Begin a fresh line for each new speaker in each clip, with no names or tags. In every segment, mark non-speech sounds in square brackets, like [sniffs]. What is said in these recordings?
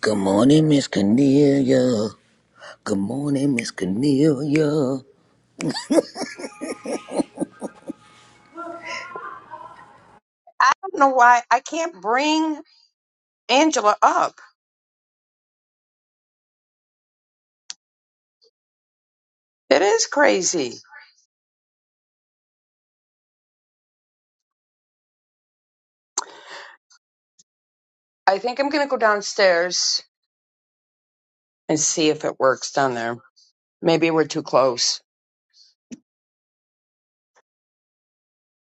Good morning, Miss Cornelia. Good morning, Miss Cornelia.
don't know why I can't bring Angela up. It is crazy. I think I'm going to go downstairs and see if it works down there. Maybe we're too close.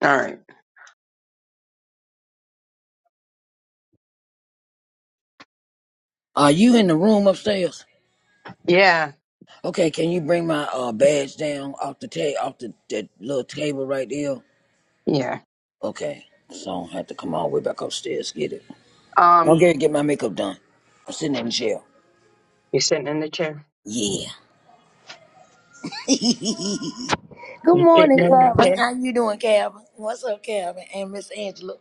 All right.
Are you in the room upstairs?
Yeah.
Okay, can you bring my uh, badge down off the ta- off the that little table right there?
Yeah.
Okay, so I don't have to come all the way back upstairs to get it. Don't
Um,
get get my makeup done. I'm sitting in the chair.
you sitting in the chair?
Yeah. Good
You sitting
morning, [laughs]
in the
Calvin.
chair?
How you doing, Calvin? What's up, Calvin and Miss Angela?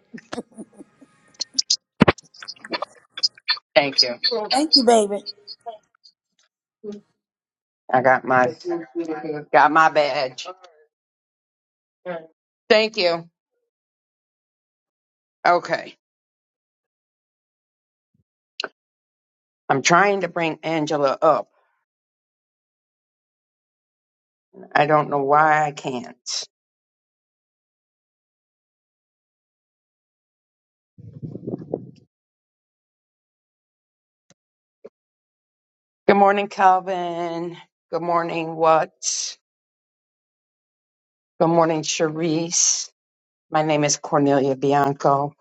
Thank you.
Thank you, baby.
I got my got my badge. Thank you. Okay. I'm trying to bring Angela up. I don't know why I can't. Good morning, Calvin. Good morning, what? Good morning, Cherise. My name is Cornelia Bianco.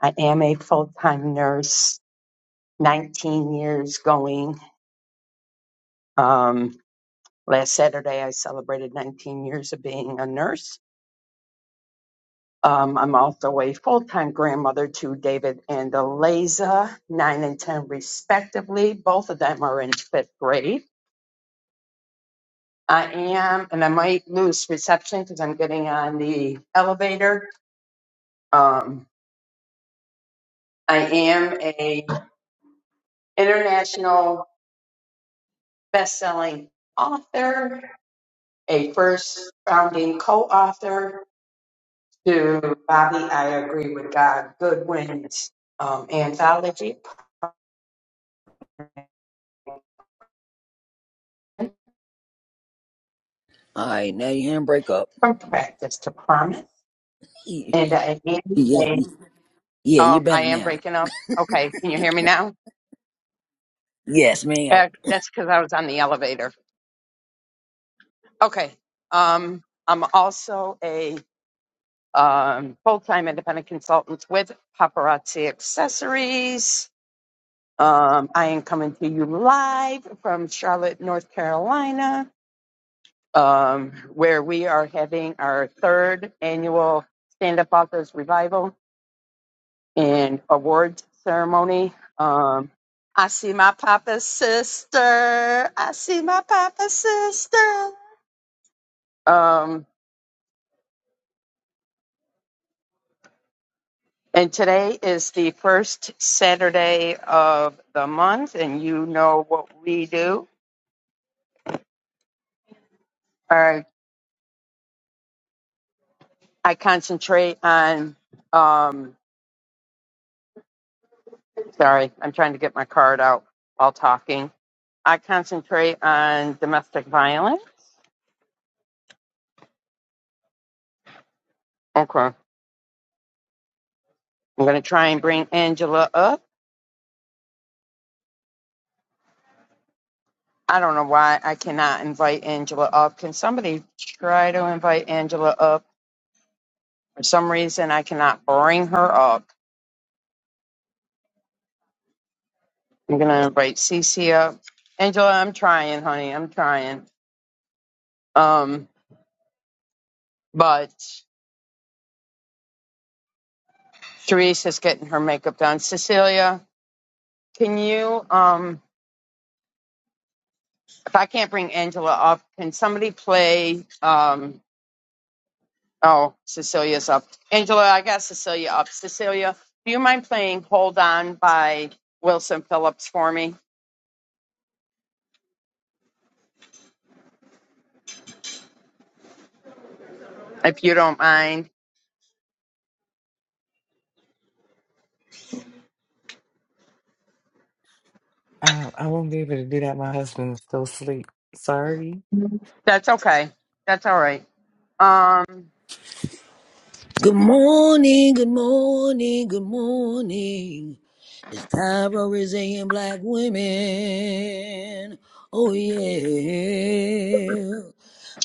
I am a full-time nurse, 19 years going. Um, last Saturday, I celebrated 19 years of being a nurse. Um, I'm also a full-time grandmother to David and Eliza, 9 and 10 respectively. Both of them are in fifth grade. I am, and I might lose reception because I'm getting on the elevator. Um, I am a international best-selling author, a first founding co-author to Bobby, I Agree with God Goodwin's um, anthology,
All right, now you handbrake up.
From Practice to Promise.
[laughs]
And I am,
Yeah,
a,
yeah, you
oh, I
better
am
now.
breaking up. Okay, can you hear me now?
Yes, ma'am.
Uh, that's because I was on the elevator. Okay. Um, I'm also a um, full-time independent consultant with Paparazzi Accessories Um, I am coming to you live from Charlotte, North Carolina, um, where we are having our third annual Stand Up Authors Revival and Awards Ceremony. Um, I see my papa's sister. I see my papa's sister. Um, and today is the first Saturday of the month, and you know what we do. Uh, I concentrate on. Um, Sorry, I'm trying to get my card out while talking. I concentrate on domestic violence. Okay. I'm going to try and bring Angela up. I don't know why I cannot invite Angela up. Can somebody try to invite Angela up? For some reason, I cannot bring her up. I'm going to invite Cece up. Angela, I'm trying, honey. I'm trying. Um, but Therese is getting her makeup done. Cecilia, can you? um If I can't bring Angela up, can somebody play? Um, oh, Cecilia's up. Angela, I got Cecilia up. Cecilia, do you mind playing "Hold On" by Wilson Phillips for me, if you don't mind?
I, I won't be able to do that. My husband is still asleep. Sorry.
That's okay. That's all right. Um,
Good morning, good morning, good morning. It's time for resilient black women. Oh, yeah.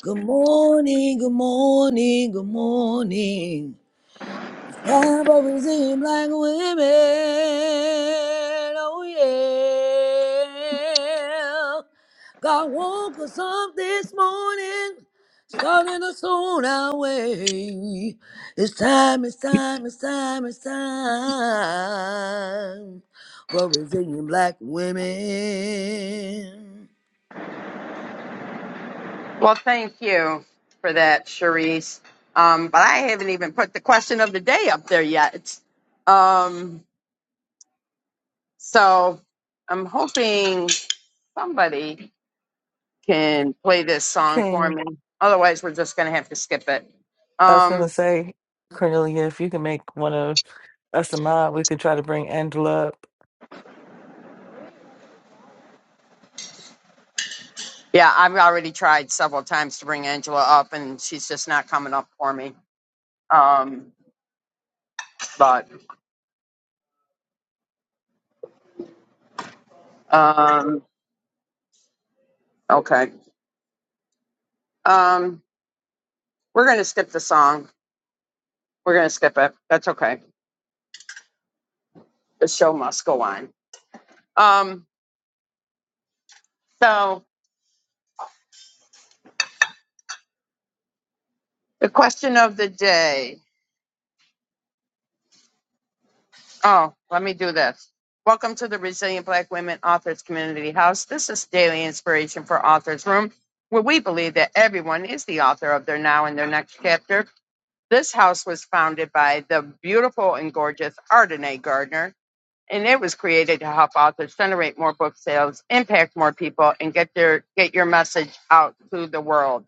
Good morning, good morning, good morning. Time Never seem like women. Oh yeah. God woke us up this morning, starting us on our way. It's time, it's time, it's time, it's time for Brazilian black women.
well, thank you for that, Cherise. Um, but I haven't even put the question of the day up there yet. Um, so I'm hoping somebody can play this song for
Can
me. Otherwise, we're just going to have to skip it.
I was gonna
Um,
say, Cornelia, if you can make one of us a mod, we could try to bring Angela up.
yeah, I've already tried several times to bring Angela up, and she's just not coming up for me. Um, but um, okay, um, we're going to skip the song. We're going to skip it. That's okay. The show must go on. Um, so the question of the day. Oh, let me do this. Welcome to the Resilient Black Women Authors Community House. This is daily inspiration for Authors Room, where we believe that everyone is the author of their now and their next chapter. This house was founded by the beautiful and gorgeous Ardenae Gardner, and it was created to help authors generate more book sales, impact more people, and get their get your message out to the world.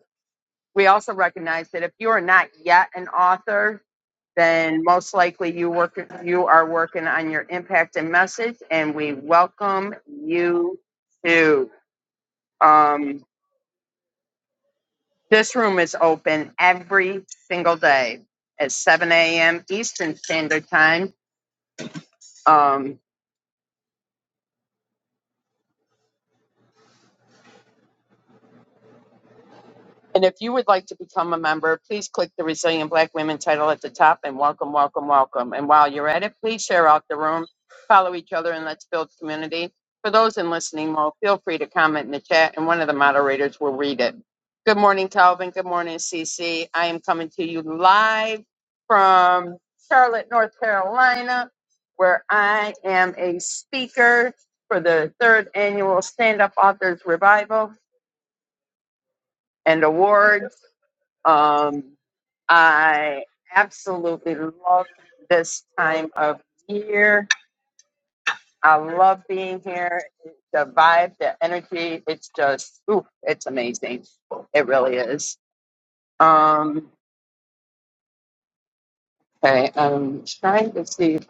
We also recognize that if you are not yet an author, then most likely you work you are working on your impact and message and we welcome you to um, this room is open every single day at 7 a.m eastern standard time Um, And if you would like to become a member, please click the Resilient Black Women title at the top and welcome, welcome, welcome. And while you're at it, please share out the room, follow each other, and let's build community. For those in listening mode, feel free to comment in the chat and one of the moderators will read it. Good morning, Calvin. Good morning, CC. I am coming to you live from Charlotte, North Carolina, where I am a speaker for the third annual Stand Up Authors Revival and Awards. Um, I absolutely love this time of year. I love being here. The vibe, the energy, it's just, ooh, it's amazing. It really is. Um, okay, I'm trying to see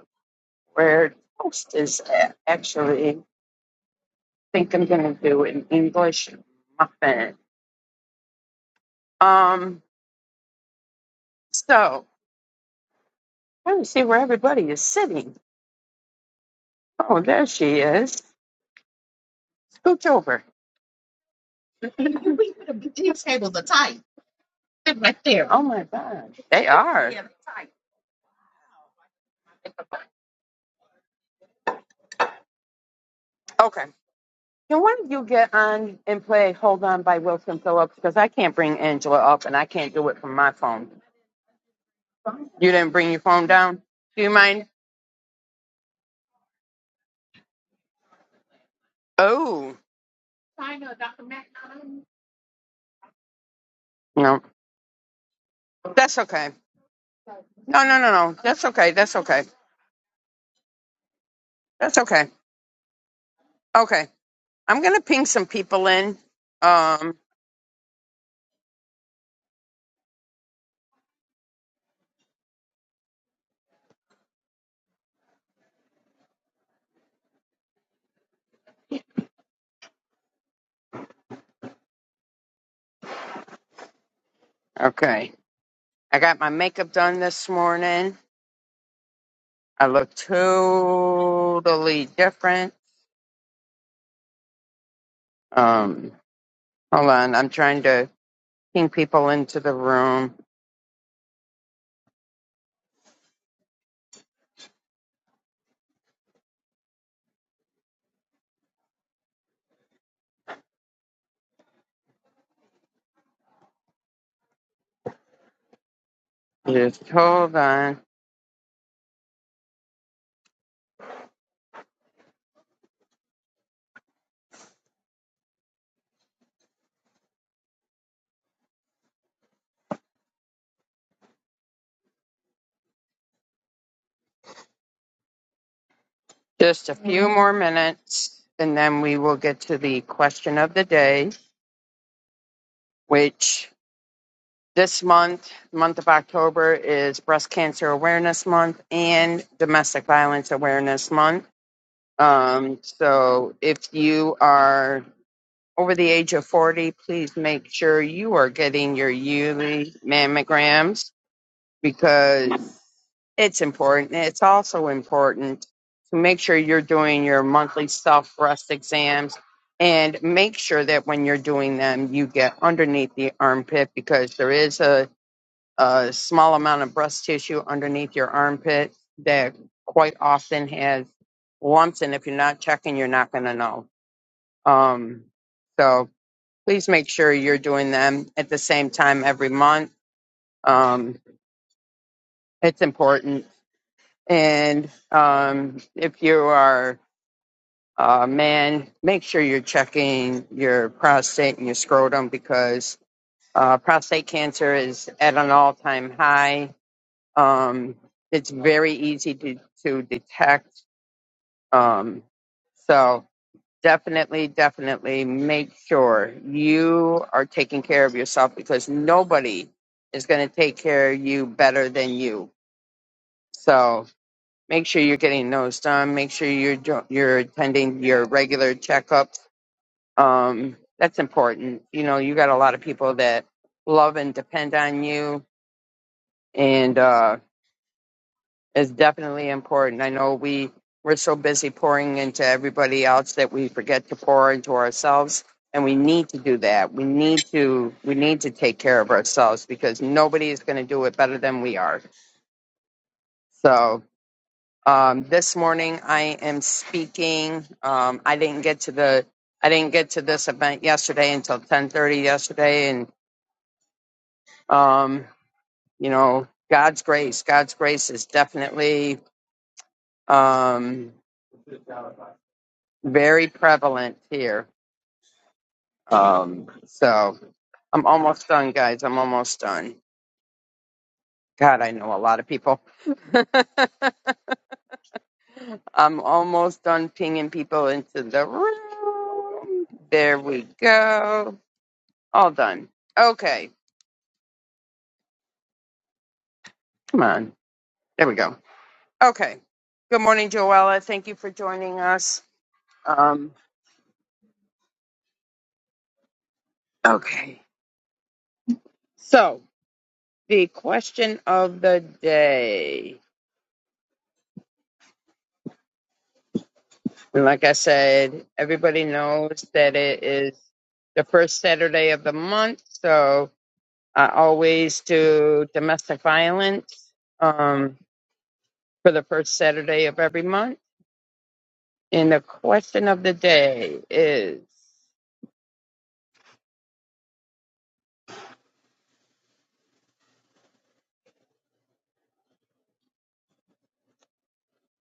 where toast is at. Actually, I think I'm going to do an English muffin. Um, so, let me see where everybody is sitting. Oh, there she is. Scooch over. Right there. Oh my God. They are. Yeah, Okay. Can one of you get on and play Hold On by Wilson Phillips? Because I can't bring Angela up and I can't do it from my phone. You didn't bring your phone down? Do you mind? Oh, no. That's okay. No, no, no, no. That's okay. That's okay. That's okay. Okay. I'm going to ping some people in. Um, okay. I got my makeup done this morning. I look totally different. Um, hold on. I'm trying to. Ping people into the room. Just hold on. Just a few more minutes, and then we will get to the question of the day, which this month, month of October, is Breast Cancer Awareness Month and Domestic Violence Awareness Month. Um, so if you are over the age of 40, please make sure you are getting your yearly mammograms because It's important. It's also important to make sure you're doing your monthly self rust exams and make sure that when you're doing them, you get underneath the armpit because there is a, a small amount of breast tissue underneath your armpit that quite often has lumps. And if you're not checking, you're not going to know. Um, so please make sure you're doing them at the same time every month. Um, it's important And um, if you are a man, make sure you're checking your prostate and your scrotum because uh, prostate cancer is at an all time high. Um, it's very easy to, to detect. Um, so definitely, definitely make sure you are taking care of yourself because nobody is going to take care of you better than you. So make sure you're getting those done. Make sure you're jo- you're attending your regular checkups. Um, that's important. You know, you got a lot of people that love and depend on you, and uh, it's definitely important. I know we we're so busy pouring into everybody else that we forget to pour into ourselves, and we need to do that. We need to we need to take care of ourselves because nobody is going to do it better than we are. So Um, this morning I am speaking. Um, I didn't get to the I didn't get to this event yesterday until 10:30 yesterday, and um, you know God's grace. God's grace is definitely um, very prevalent here. Um, so I'm almost done, guys. I'm almost done. God, I know a lot of people. [laughs] I'm almost done pinging people into the room. There we go. All done. Okay. Come on. There we go. Okay. Good morning, Joella. Thank you for joining us. Um, okay. So, the question of the day. And like I said, everybody knows that it is the first Saturday of the month. So, I always do domestic violence um, for the first Saturday of every month. And the question of the day is.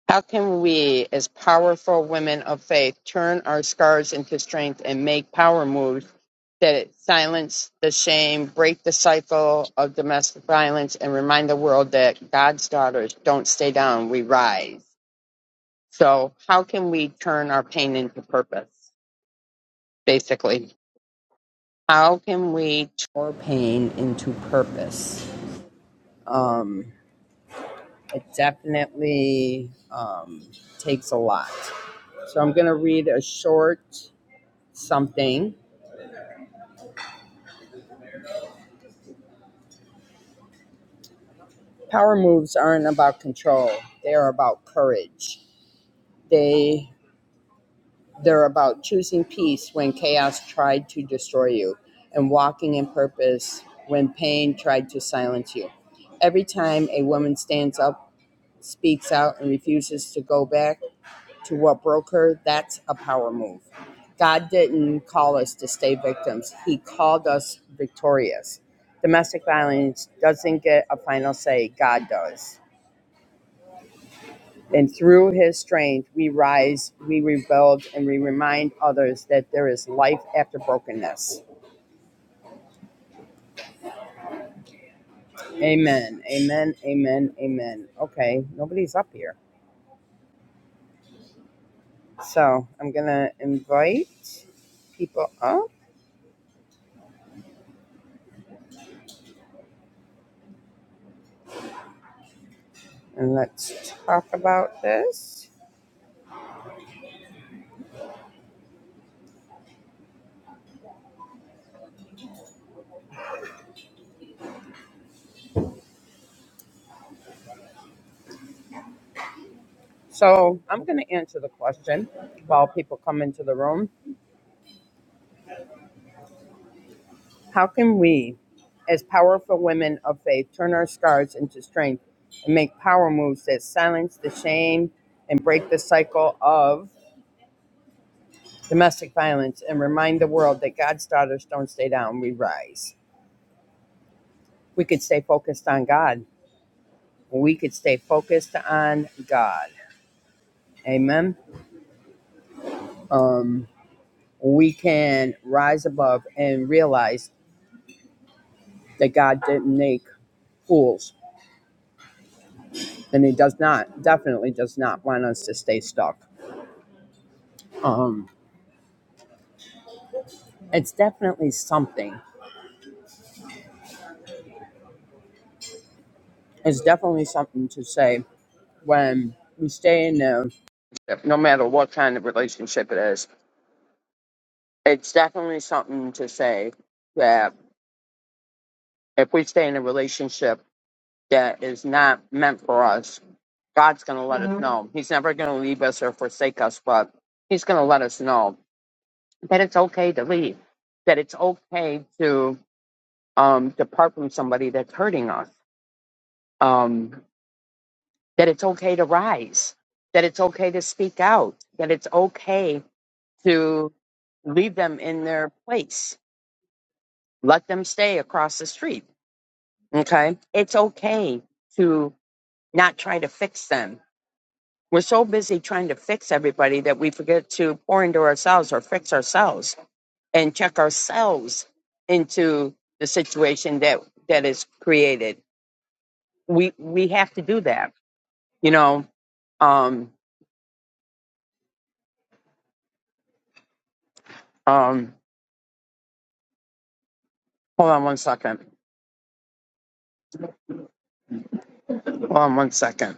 How can we, as powerful women of faith, turn our scars into strength and make power moves that silence the shame, break the cycle of domestic violence, and remind the world that God's daughters don't stay down, we rise? So, how can we turn our pain into purpose, basically? How can we turn our pain into purpose? Um, it definitely um, takes a lot. So, I'm going to read a short something. Power moves aren't about control. They're about courage. They they're about choosing peace when chaos tried to destroy you and walking in purpose when pain tried to silence you. Every time a woman stands up, speaks out and refuses to go back to what broke her, that's a power move. God didn't call us to stay victims. He called us victorious. Domestic violence doesn't get a final say. God does. And through his strength, we rise, we rebuild, and we remind others that there is life after brokenness. Amen. Amen. Amen. Amen. Okay, nobody's up here. So I'm going to invite people up and let's talk about this. So I'm going to answer the question while people come into the room. How can we, as powerful women of faith, turn our scars into strength and make power moves that silence the shame and break the cycle of domestic violence and remind the world that God's daughters don't stay down, we rise? We could stay focused on God. We could stay focused on God. Amen. Um, we can rise above and realize that God didn't make fools, and He does not, definitely does not want us to stay stuck. Um, it's definitely something. It's definitely something to say when we stay in there, no matter what kind of relationship it is. It's definitely something to say that if we stay in a relationship that is not meant for us, God's going to let us Mhm. know. He's never going to leave us or forsake us, but He's going to let us know that it's okay to leave, that it's okay to um, depart from somebody that's hurting us. Um, that it's okay to rise, that it's okay to speak out, that it's okay to leave them in their place, let them stay across the street. Okay. It's okay to not try to fix them. We're so busy trying to fix everybody that we forget to pour into ourselves or fix ourselves and check ourselves into the situation that that is created. We we have to do that. You know, um um hold on one second. Hold on one second.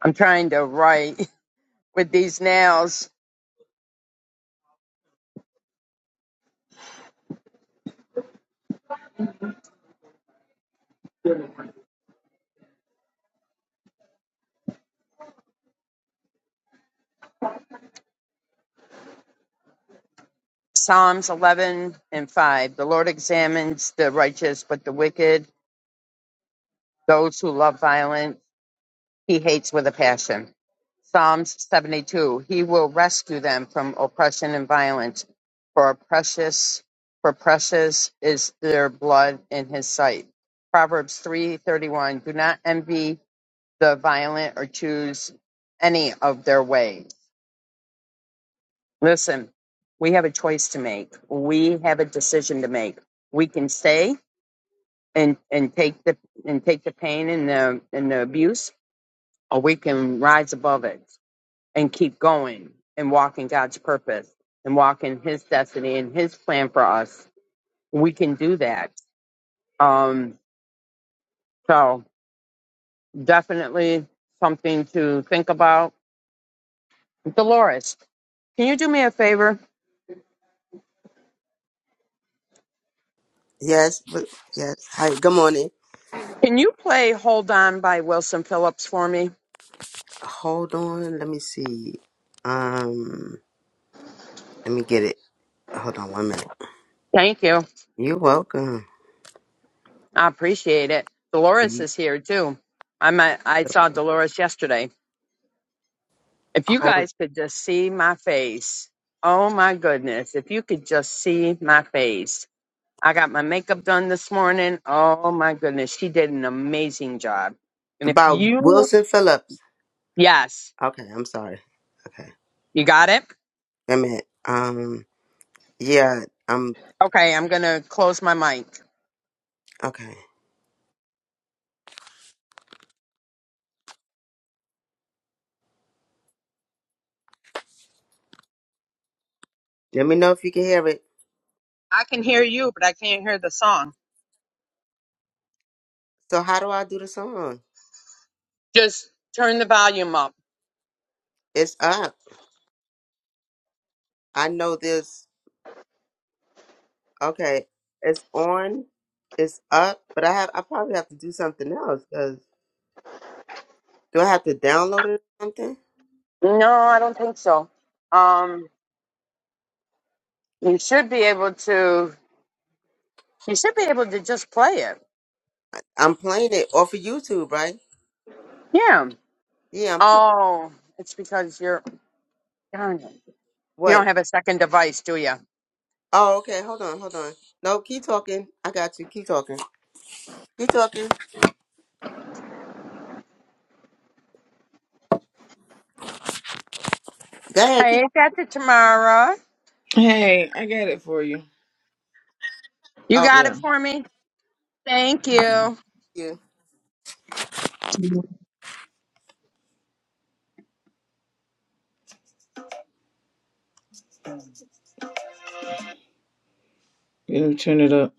I'm trying to write [laughs] with these nails. Psalms 11 and 5. The Lord examines the righteous, but the wicked, those who love violence, he hates with a passion. Psalms 72. He will rescue them from oppression and violence, for precious, for precious is their blood in his sight. Proverbs 3:31. Do not envy the violent or choose any of their ways Listen, we have a choice to make. We have a decision to make. We can stay and and take the and take the pain and the and the abuse, or we can rise above it and keep going and walk in God's purpose and walk in His destiny and His plan for us. We can do that. Um, so definitely something to think about. Dolores, can you do me a favor?
Yes, but yes. Hi, good morning.
Can you play "Hold On" by Wilson Phillips for me?
Hold on, let me see. Um, let me get it. Hold on one minute.
Thank you.
You're welcome.
I appreciate it. Dolores
You-
is here too. I'm a,
you're
i I
so
saw
wel-
Dolores yesterday. If you
Hold
guys could just see my face. Oh my goodness. If you could just see my face. I got my makeup done this morning. Oh my goodness. She did an amazing job. And if
about
you,
Wilson Phillips.
yes,
Okay, I'm sorry. Okay,
you got it?
wait a minute. Um, yeah, I'm
Okay, I'm going to close my mic.
okay. Let me know if you can hear it.
I can hear you, but I can't hear the song.
So, how do I do the song?
Just turn the volume up.
It's up. I know this. Okay, it's on. It's up, but I have. I probably have to do something else 'cause Do I have to download it or something?
No, I don't think so. Um, you should be able to You should be able to just play it.
I'm playing it off of YouTube, right?
Yeah.
Yeah, I'm playing.
Oh, it's because you're. Darn it. You
What?
don't have a second device, do you?
Oh, okay. Hold on, hold on. No, keep talking. I got you. Keep talking. Keep talking. Go ahead. Keep.
Hey, I got it, Tamara.
Hey, I got it for you.
You
Oh,
got
Yeah.
it for me? Thank
Hold on.
you.
thank you.
Let me turn it up.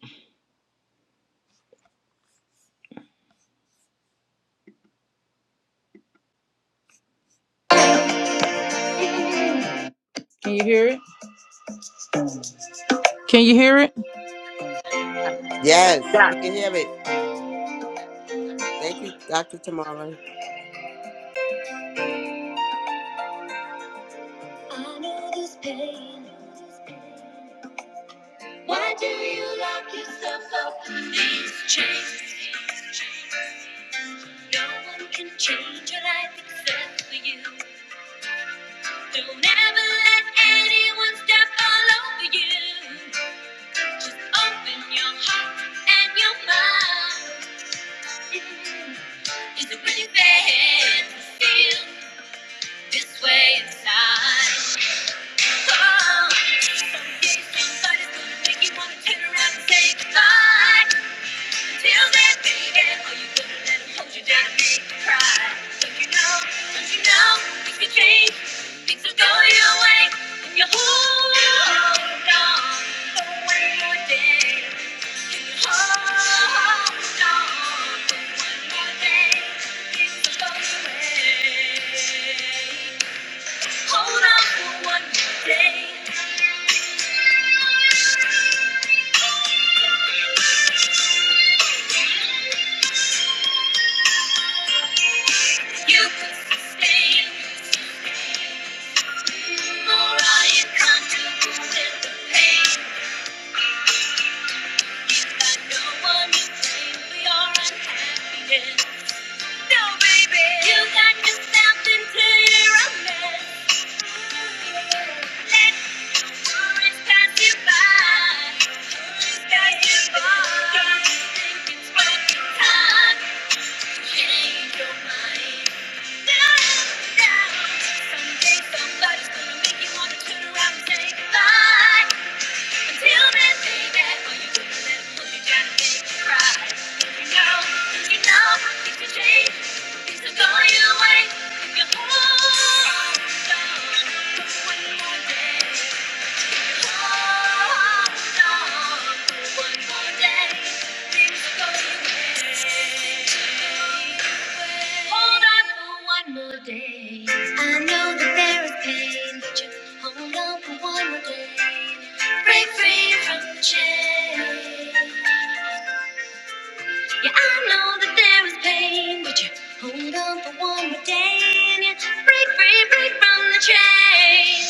Can you hear it? Can you hear it?
Yes,
Yes.
we can hear it. Thank you, Doctor Tamara.
I know this pain. Why do you lock yourself up? in These chains. No one can change your life except for you. Don't ever let anyone step all over you. Just open your heart and your mind. Is it really bad to feel this way inside? Thank you Hold on for one day. You could sustain more. I am comfortable with the pain. You've got no one to blame for your unhappiness. No, baby. You got yourself into your own mess. Let worries pass you by. Worries pass you by. Don't you think it's worth your time to change your mind? Down, down. Someday somebody's gonna make you wanna turn around and say goodbye. Until then, baby, all you do is let 'em me down and make me cry. You know, you know, you can change. Things will go your if you hold on. But one more day. Hold on for one more day. I know that there is pain, but you hold on for one more day. Break free from the chain. Yeah, I know that there is pain, but you hold on for one more day and you break free, break from the chain.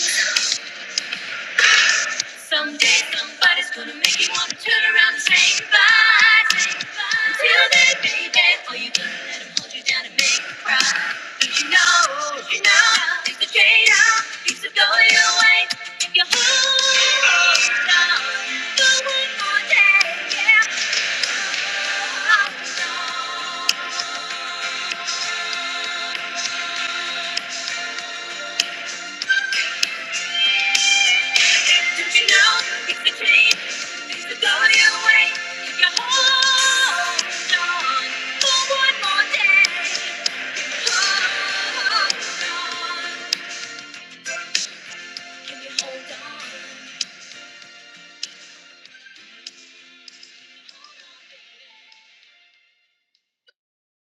Someday somebody's gonna make you wanna turn around and say goodbye. Say goodbye. Until then, baby, all you gonna let 'em hold you down and make you cry? Don't you know, don't you know, things are changing, things are going your way if you hold on. For one more day, yeah, hold on.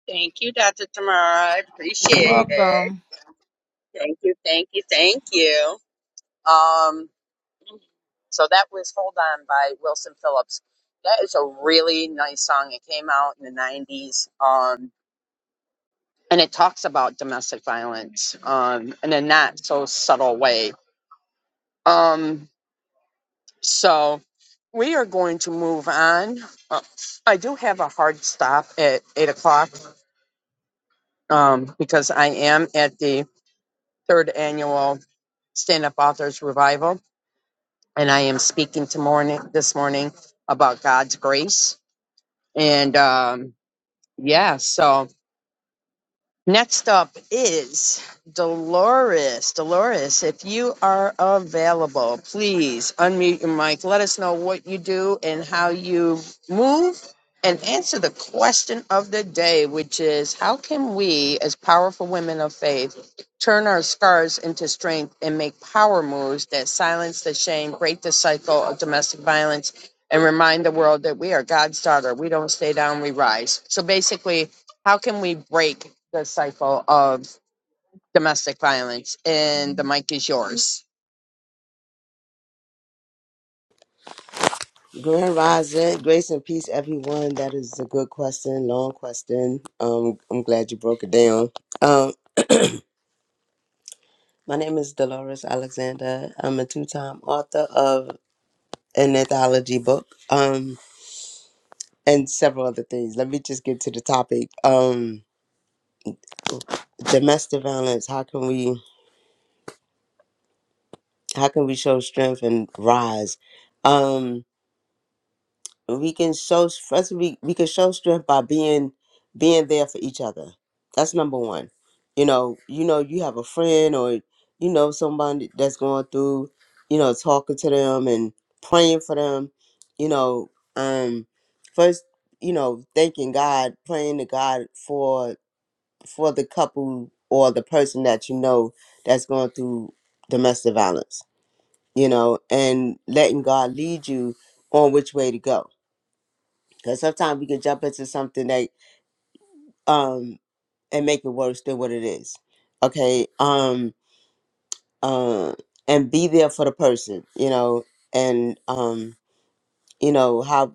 Thank you, Dr. Tamara. I appreciate
Welcome.
it. Thank you, thank you, thank you. Um, so that was Hold On by Wilson Phillips. That is a really nice song. It came out in the 90s. Um, and it talks about domestic violence um, in a not so subtle way Um, so we are going to move on. Uh, I do have a hard stop at eight o'clock um, because I am at the third annual Stand Up Authors Revival, and I am speaking to morning this morning about God's grace. And um, yeah, so Next up is Dolores. Dolores, if you are available, please unmute your mic. Let us know what you do and how you move and answer the question of the day, which is how can we, as powerful women of faith, turn our scars into strength and make power moves that silence the shame, break the cycle of domestic violence, and remind the world that we are God's daughter. We don't stay down, we rise. So basically, how can we break the cycle of domestic violence? And the mic is yours.
Grand Rising, grace and peace, everyone. That is a good question, long question. Um, I'm glad you broke it down. Um, my name is Dolores Alexander. I'm a two-time author of an anthology book. Um, and several other things. Let me just get to the topic. Um, domestic violence. How can we how can we show strength and rise? Um, we can show first we we can show strength by being being there for each other. That's number one. You know, you know, you have a friend or you know somebody that's going through. You know, talking to them and praying for them. You know, um, first you know thanking God, praying to God for for the couple or the person that you know that's going through domestic violence, you know, and letting God lead you on which way to go. Because sometimes we can jump into something that um and make it worse than what it is. Okay. Um uh, and be there for the person, you know, and um, you know, how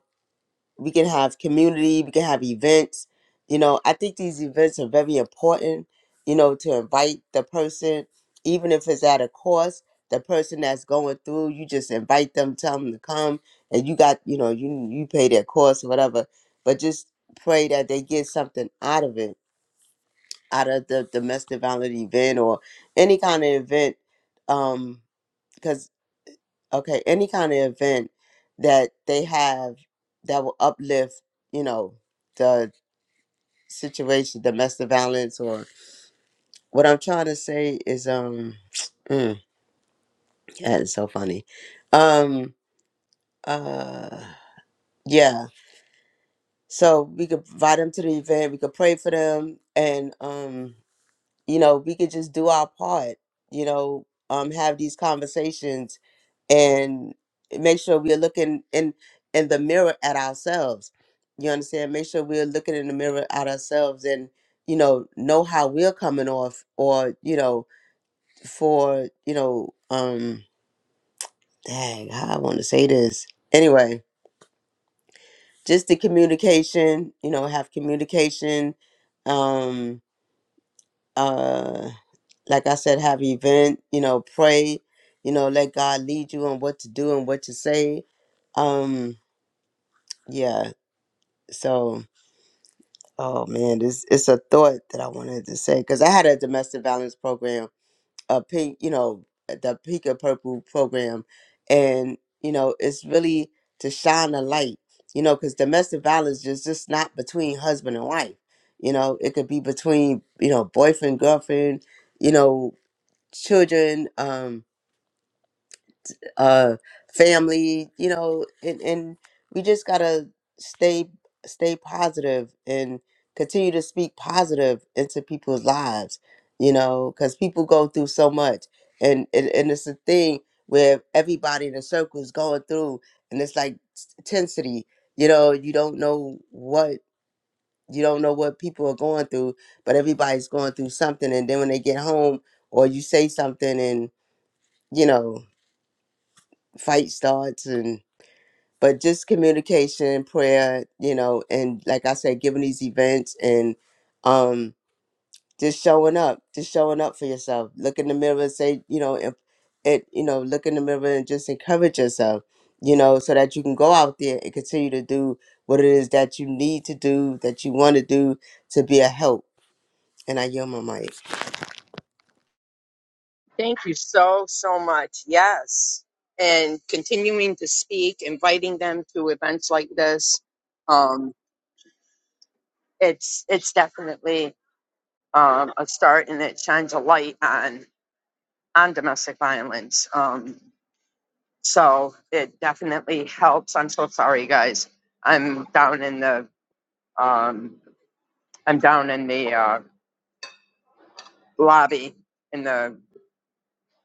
we can have community we can have events you know i think these events are very important you know to invite the person even if it's at a cost the person that's going through you just invite them tell them to come and you got you know you you pay their cost or whatever but just pray that they get something out of it out of the domestic violence event or any kind of event because okay any kind of event that they have that will uplift you know the situation domestic violence or what i'm trying to say is um [sniffs] [tsk] mm, that is so funny um uh yeah so we could invite them to the event we could pray for them and um you know we could just do our part you know um have these conversations and make sure we're looking in in the mirror at ourselves you understand make sure we're looking in the mirror at ourselves and you know know how we're coming off or you know for you know um dang how i want to say this anyway just the communication you know have communication um uh. like I said, have event, you know, pray, you know, let God lead you on what to do and what to say. Um, yeah. So, oh man, this it's a thought that I wanted to say because I had a domestic violence program, a pink, you know, the pink and purple program, and you know, it's really to shine a light, you know, because domestic violence is just not between husband and wife. You know, it could be between you know boyfriend, girlfriend, you know, children. Um, uh family you know and and we just gotta stay stay positive and continue to speak positive into people's lives you know because people go through so much and, and and it's a thing where everybody in the circle is going through and it's like s- intensity you know you don't know what you don't know what people are going through but everybody's going through something and then when they get home or you say something and you know fight starts and but just communication prayer you know and like i said giving these events and um just showing up just showing up for yourself look in the mirror and say you know if it you know look in the mirror and just encourage yourself you know so that you can go out there and continue to do what it is that you need to do that you want to do to be a help and i yield my mic
Thank you so, so much. Yes. And continuing to speak, inviting them to events like this. Um, it's, it's definitely um, a start and it shines a light on, on domestic violence. Um, so it definitely helps. I'm so sorry, guys. I'm down in the, um, I'm down in the, uh, lobby in the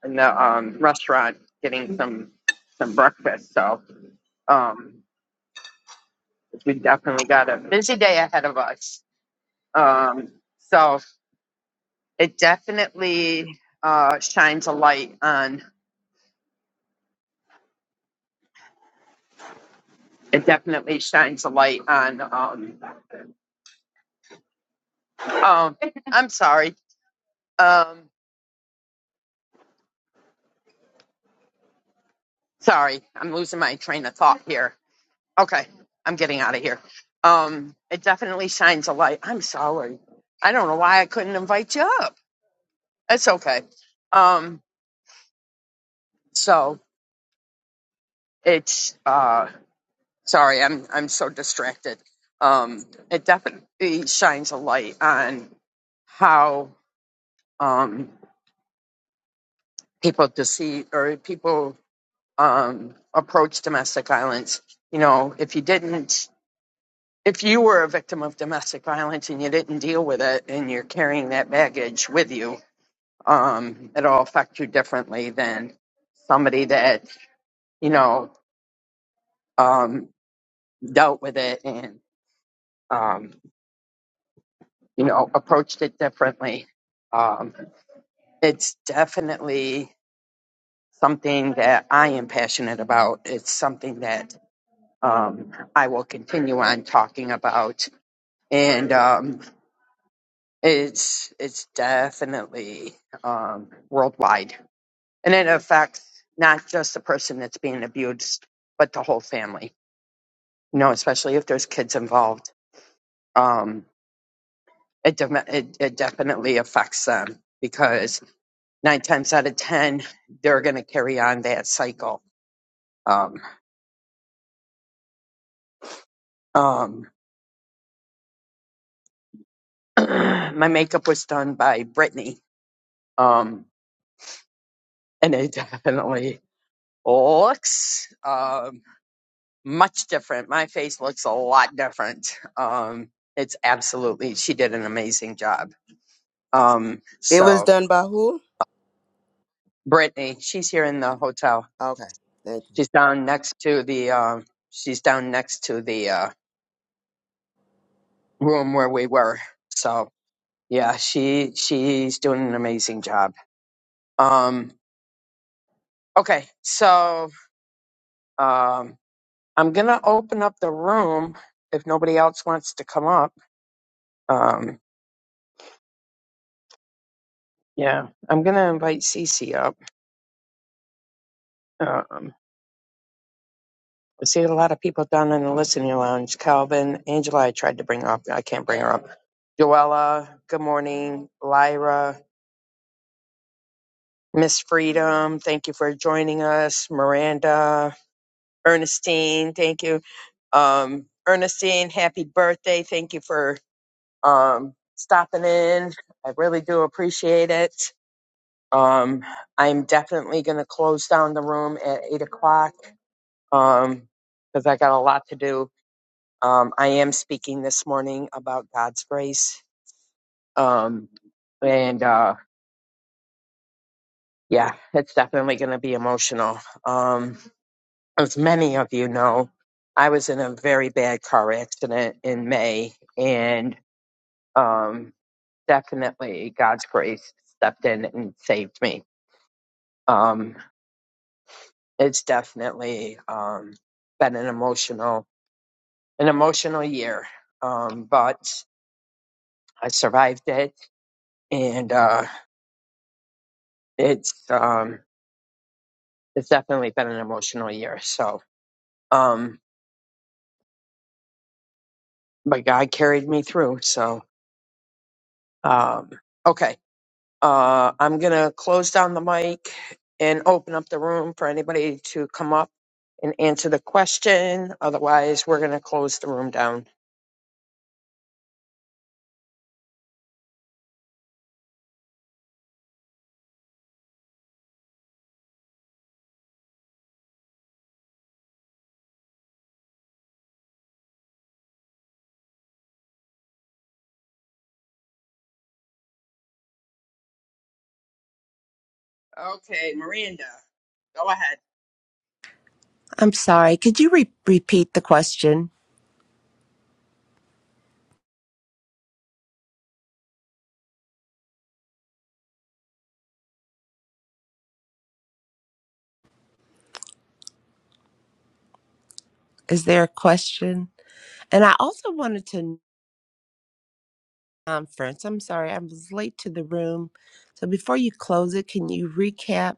in the um, restaurant getting some some breakfast. So um, we definitely got a busy day ahead of us. Um, so it definitely uh, shines a light on. It definitely shines a light on. Um, um, I'm sorry. Um, sorry, I'm losing my train of thought here. Okay, I'm getting out of here. Um, it definitely shines a light. I'm sorry. I don't know why I couldn't invite you up. It's okay. Um, so it's uh sorry i'm i'm so distracted um it definitely shines a light on how um people deceive or people um approach domestic violence you know if you didn't if you were a victim of domestic violence and you didn't deal with it and you're carrying that baggage with you um it'll affect you differently than somebody that you know um dealt with it and um you know, approached it differently. Um, it's definitely something that I am passionate about. It's something that um, I will continue on talking about, and um, it's it's definitely um, worldwide, and it affects not just the person that's being abused, but the whole family. You know, especially if there's kids involved. Um, it, de- it it definitely affects them because nine times out of ten they're going to carry on that cycle um, um, [clears throat] my makeup was done by brittany um, and it [laughs] definitely looks um, much different my face looks a lot different um, it's absolutely she did an amazing job um,
it was
so
done by who
brittany she's here in the hotel
okay thank you
she's down next to the um she's down next to the uh, room where we were so Yeah, she she's doing an amazing job. Um, okay, so um, I'm gonna open up the room if nobody else wants to come up. Um, yeah, I'm gonna invite Cece up. Um, I see a lot of people down in the listening lounge. Calvin, Angela, I tried to bring up. I can't bring her up. Joella, good morning. Lyra, Miss Freedom, thank you for joining us. Miranda, Ernestine. Thank you. Um, Ernestine, happy birthday. Thank you for um, stopping in. I really do appreciate it. Um, I'm definitely going to close down the room at 8 o'clock um, because I got a lot to do. Um, I am speaking this morning about God's grace. Um, and uh, yeah, it's definitely going to be emotional. Um, as many of you know, I was in a very bad car accident in May, and um, definitely God's grace stepped in and saved me. Um, it's definitely um, been an emotional, an emotional year, um, but I survived it, and uh, it's um, it's definitely been an emotional year. So, um, but God carried me through. So, um, okay. Uh, I'm going to close down the mic and open up the room for anybody to come up and answer the question. Otherwise, we're going to close the room down. Okay, Miranda, go ahead.
I'm sorry. Could you re- repeat the question? Is there a question? And I also wanted to conference. I'm sorry, I was late to the room. So before you close it, can you recap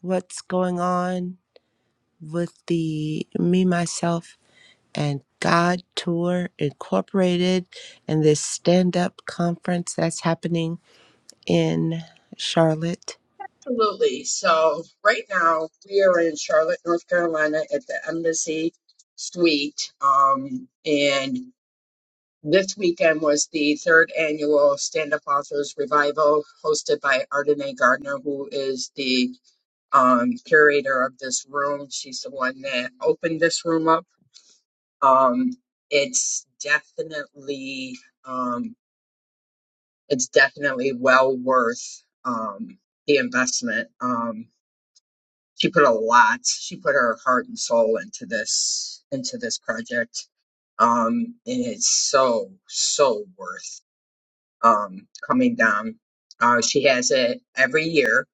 what's going on with the me myself and God Tour Incorporated and this stand up conference that's happening in Charlotte?
Absolutely. So, right now, we are in Charlotte, North Carolina at the Embassy Suite. Um, and this weekend was the third annual Stand Up Authors Revival hosted by Ardenae Gardner, who is the um, curator of this room. She's the one that opened this room up. Um, it's definitely um, it's definitely well worth um, the investment. Um, she put a lot. She put her heart and soul into this into this project, um, and it's so so worth um, coming down. Uh, she has it every year,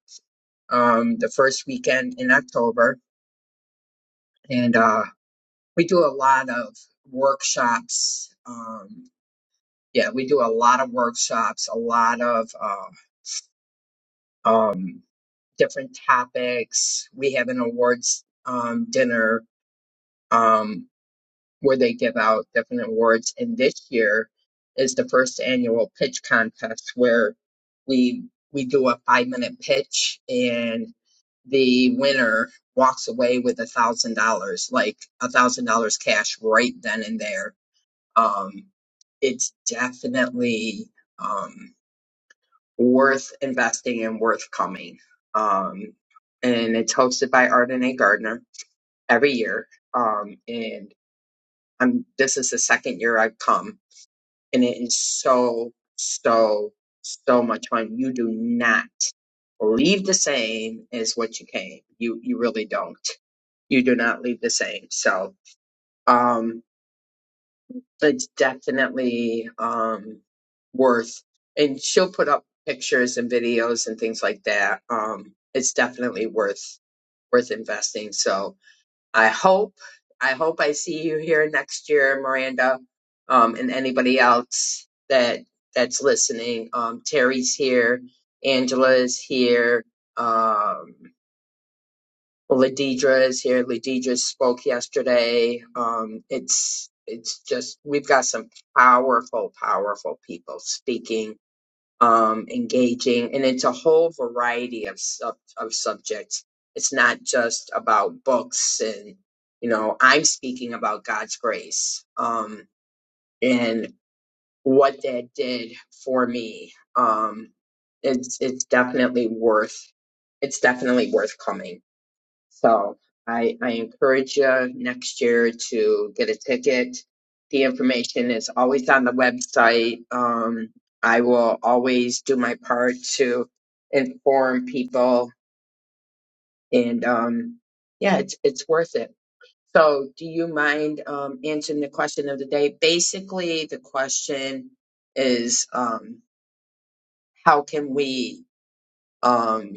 um, the first weekend in October, and uh, We do a lot of workshops. Um, yeah, we do a lot of workshops, a lot of uh, um, different topics. We have an awards um, dinner um, where they give out different awards. And this year is the first annual pitch contest where we we do a five minute pitch and the winner walks away with a thousand dollars, like a thousand dollars cash right then and there um, it's definitely um, worth investing and worth coming. Um, and it's hosted by Arden A. Gardner every year. Um, and I'm this is the second year I've come, and it is so so so much fun. You do not leave the same as what you came. You you really don't. You do not leave the same. So. Um, it's definitely um worth and she'll put up pictures and videos and things like that um it's definitely worth worth investing so i hope i hope i see you here next year miranda um and anybody else that that's listening um terry's here angela's here um Ladidra is here. Ladidra spoke yesterday. Um, it's it's just we've got some powerful, powerful people speaking, um, engaging, and it's a whole variety of sub of subjects. It's not just about books, and you know, I'm speaking about God's grace um, and what that did for me. Um, it's it's definitely worth it's definitely worth coming. So I, I encourage you next year to get a ticket. The information is always on the website. Um, I will always do my part to inform people and, um, yeah, it's, it's worth it. So do you mind, um, answering the question of the day? Basically, the question is, um, how can we, um,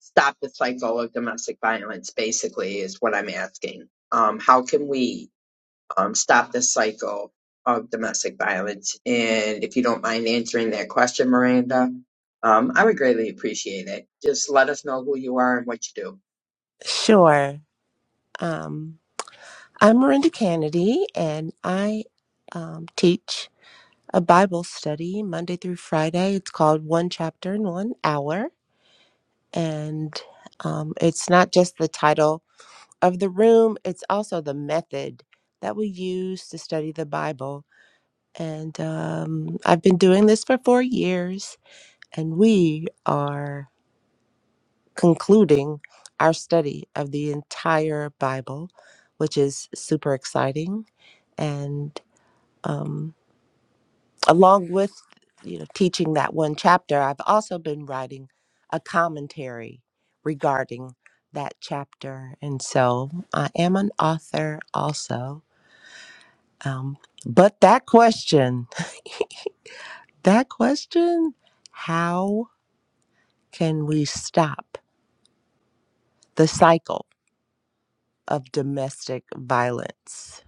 stop the cycle of domestic violence basically is what i'm asking um, how can we um, stop the cycle of domestic violence and if you don't mind answering that question miranda um, i would greatly appreciate it just let us know who you are and what you do
Sure. Um, I'm Miranda Kennedy, and I um, teach. a Bible study Monday through Friday. It's called One Chapter in One Hour. And um, it's not just the title of the room, it's also the method that we use to study the Bible. And um, I've been doing this for four years, and we are concluding our study of the entire Bible, which is super exciting. And um, along with you know teaching that one chapter i've also been writing a commentary regarding that chapter and so i am an author also um, but that question that question how can we stop the cycle of domestic violence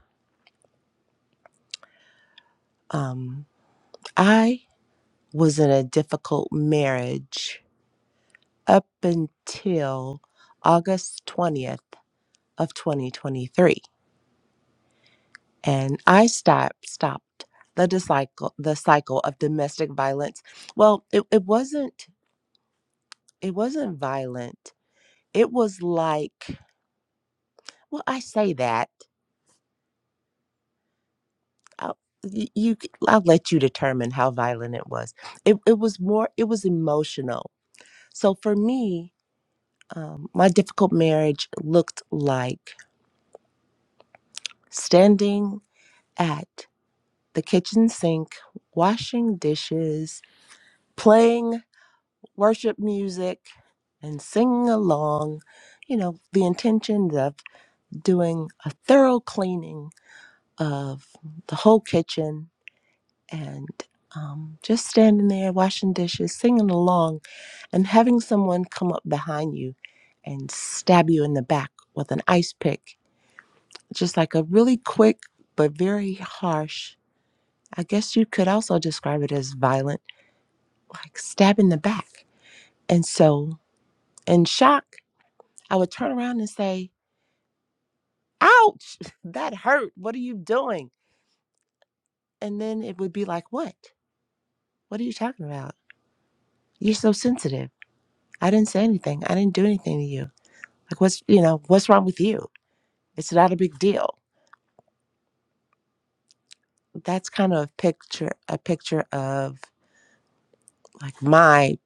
um, i was in a difficult marriage up until august 20th of 2023 and i stopped stopped the cycle the cycle of domestic violence well it, it wasn't it wasn't violent it was like well i say that I'll, y- you c- i'll let you determine how violent it was it, it was more it was emotional so for me um, my difficult marriage looked like standing at the kitchen sink washing dishes playing worship music and sing along. You know, the intention of doing a thorough cleaning of the whole kitchen and um, just standing there washing dishes, singing along, and having someone come up behind you and stab you in the back with an ice pick. Just like a really quick but very harsh, I guess you could also describe it as violent, like stab in the back. And so, in shock, I would turn around and say, ouch, [laughs] that hurt. What are you doing? And then it would be like, what? What are you talking about? You're so sensitive. I didn't say anything. I didn't do anything to you. Like, what's, you know, what's wrong with you? It's not a big deal. That's kind of a picture, a picture of like my,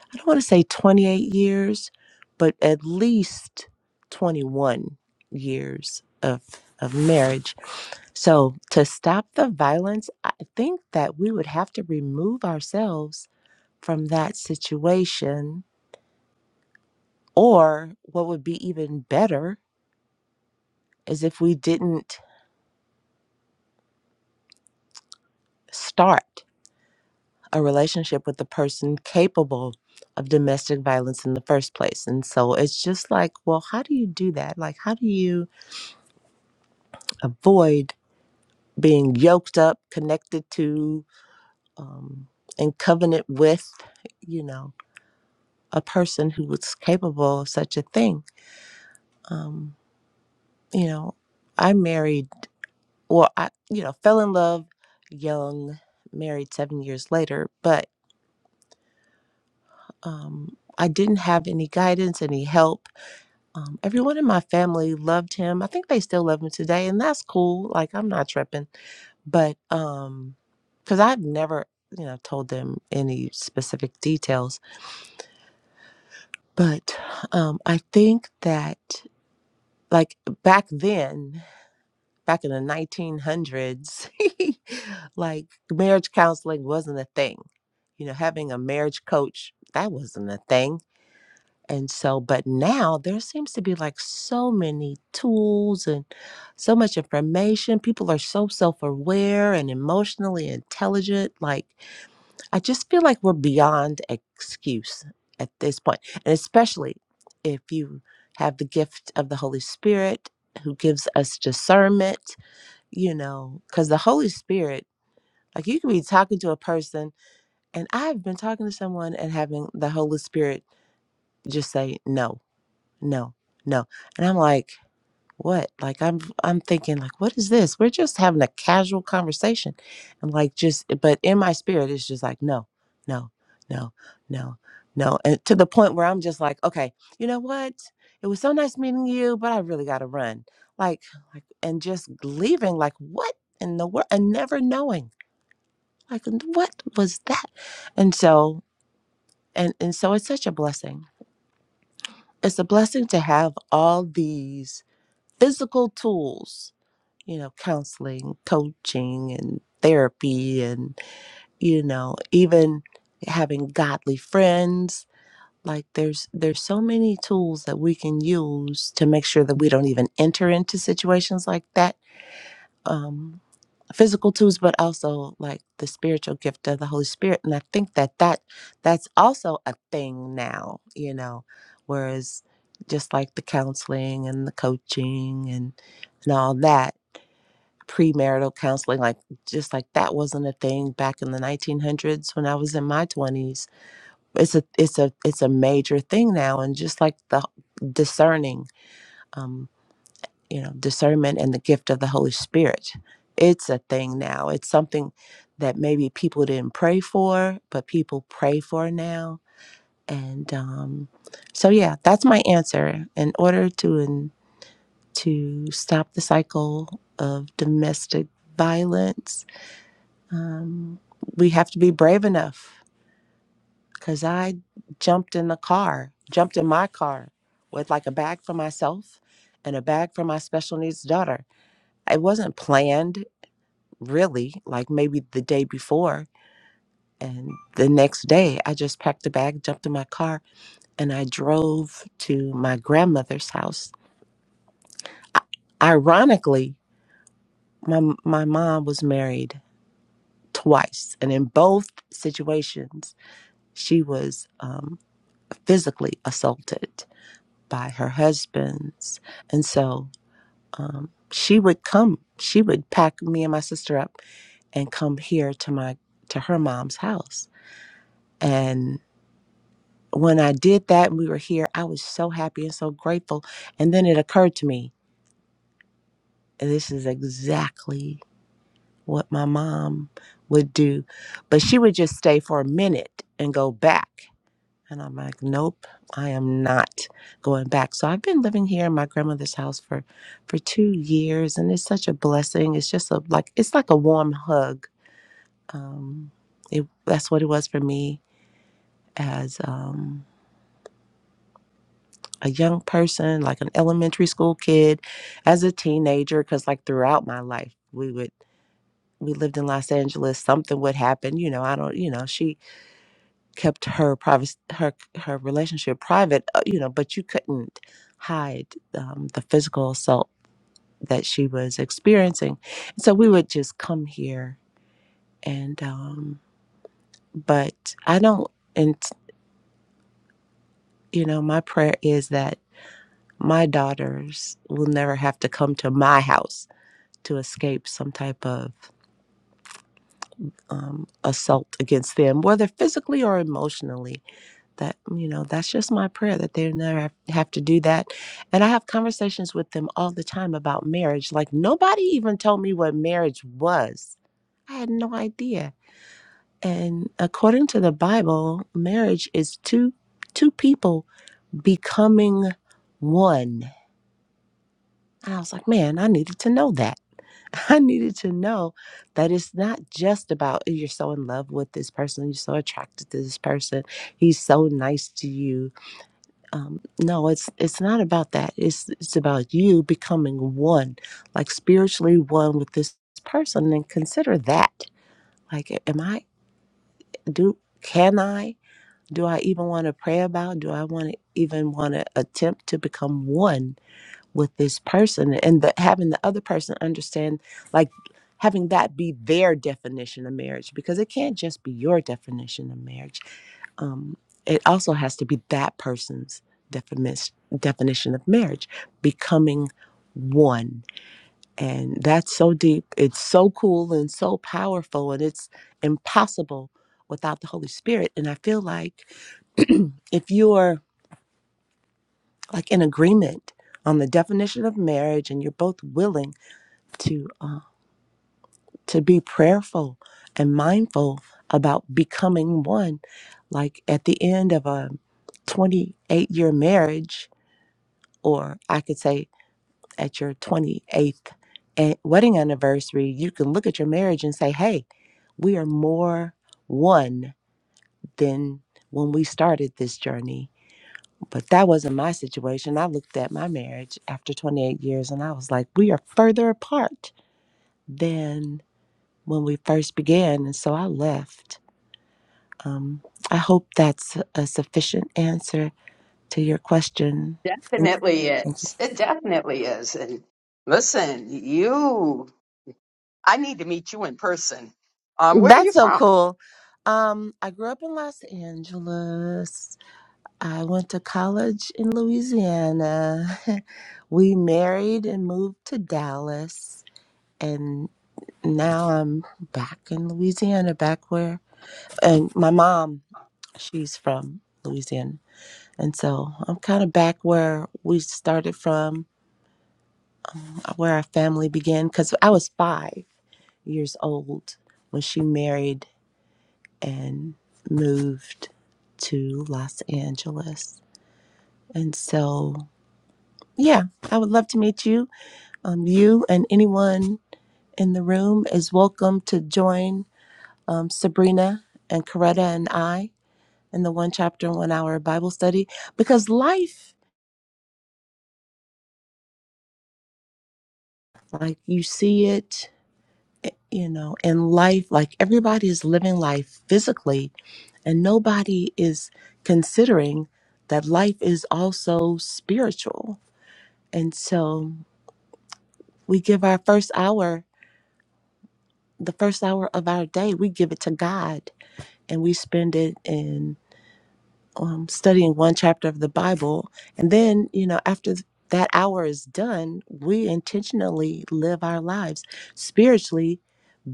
I don't want to say 28 years, but at least 21 years of, of marriage. So to stop the violence, I think that we would have to remove ourselves from that situation. Or what would be even better is if we didn't start a relationship with the person capable of domestic violence in the first place. And so it's just like, well, how do you do that? Like, how do you avoid being yoked up, connected to, um, in covenant with, you know, a person who was capable of such a thing? Um, you know, I married. well i you know fell in love young married seven years later but um i didn't have any guidance any help um, everyone in my family loved him i think they still love him today and that's cool like i'm not tripping but um because i've never you know told them any specific details but um i think that like back then back in the 1900s, [laughs] like marriage counseling wasn't a thing. You know, having a marriage coach, that wasn't a thing. And so, but now there seems to be like so many tools and so much information. People are so self aware and emotionally intelligent. Like, I just feel like we're beyond excuse at this point. And especially if you have the gift of the Holy Spirit who gives us discernment you know, because the Holy Spirit, like you could be talking to a person, and I've been talking to someone and having the Holy Spirit just say, no, no, no. And I'm like, what like i'm i'm thinking like what is this we're just having a casual conversation and like just but in my spirit it's just like no no no no no and to the point where i'm just like okay you know what it was so nice meeting you but i really gotta run like like and just leaving like what in the world and never knowing like what was that and so and and so it's such a blessing it's a blessing to have all these physical tools you know, counseling, coaching, and therapy, and you know, even having godly friends. Like there's there's so many tools that we can use to make sure that we don't even enter into situations like that. Um, physical tools, but also like the spiritual gift of the Holy Spirit. And I think that that that's also a thing now. You know, whereas just like the counseling and the coaching and and all that premarital counseling like just like that wasn't a thing back in the 1900s when I was in my 20s it's a it's a it's a major thing now and just like the discerning um you know discernment and the gift of the holy spirit it's a thing now it's something that maybe people didn't pray for but people pray for now and um so yeah that's my answer in order to in to stop the cycle of domestic violence Um, we have to be brave enough because I jumped in the car, jumped in my car with like a bag for myself and a bag for my special needs daughter. It wasn't planned really, like maybe the day before. And the next day, I just packed a bag, jumped in my car, and I drove to my grandmother's house. Ironically, my, my mom was married twice. And in both situations, she was. um, physically assaulted by her husband's. And so um, she would come, she would pack me and my sister up and come here to my to her mom's house. And when I did that and we were here, I was so happy and so grateful. And then it occurred to me, this is exactly what my mom would do. But she would just stay for a minute and go back. And I'm like, nope, I am not going back. So I've been living here in my grandmother's house for for two years, and it's such a blessing. It's just a like it's like a warm hug. Um, it that's what it was for me as um, a young person, like an elementary school kid, as a teenager, because like throughout my life, we would we lived in Los Angeles. Something would happen, you know. I don't, you know, she kept her privacy, her her relationship private uh, you know but you couldn't hide um, the physical assault that she was experiencing so we would just come here and um but i don't and you know my prayer is that my daughters will never have to come to my house to escape some type of um, assault against them whether physically or emotionally that you know that's just my prayer that they never have have to do that and i have conversations with them all the time about marriage like nobody even told me what marriage was i had no idea and according to the bible marriage is two two people becoming one and i was like man i needed to know that [laughs] I needed to know that it's not just about "Oh, you're so in love with this person, you're so attracted to this person, he's so nice to you, um, no it's it's not about that it's it's about you becoming one like spiritually one with this person and consider that like am i do can i do i even want to pray about do i want to even want to attempt to become one with this person and the, having the other person understand like having that be their definition of marriage because it can't just be your definition of marriage um, it also has to be that person's definition definition of marriage becoming one and that's so deep it's so cool and so powerful and it's impossible without the holy spirit and i feel like [clears throat] if you're like in agreement on the definition of marriage and you're both willing to uh, to be prayerful and mindful about becoming one like at the end of a 28 year marriage, or I could say at your 28th a- wedding anniversary, you can look at your marriage and say, hey, we are more one than when we started this journey. But that wasn't my situation. I looked at my marriage after 28 years and I was like, we are further apart than when we first began. And so I left. Um, I hope that's a sufficient answer to your question. And
Definitely is. It definitely is. And listen, you, I need to meet you in person. Um, where are you
That's so
from?
cool. Um, I grew up in Los Angeles. I went to college in Louisiana. [laughs] we married and moved to Dallas. And now I'm back in Louisiana, back where, and my mom, she's from Louisiana. And so I'm kind of back where we started from, where our family began, because I was five years old when she married and moved to Los Angeles. And so, yeah, I would love to meet you. Um, you and anyone in the room is welcome to join um, Sabrina and Coretta and I in the one chapter, one hour Bible study because life, like you see it, you know, in life, like everybody is living life physically, and nobody is considering that life is also spiritual And so we give our first hour, the first hour of our day, we give it to God and we spend it in um, studying one chapter of the Bible. And then, you know, after that hour is done, we intentionally live our lives spiritually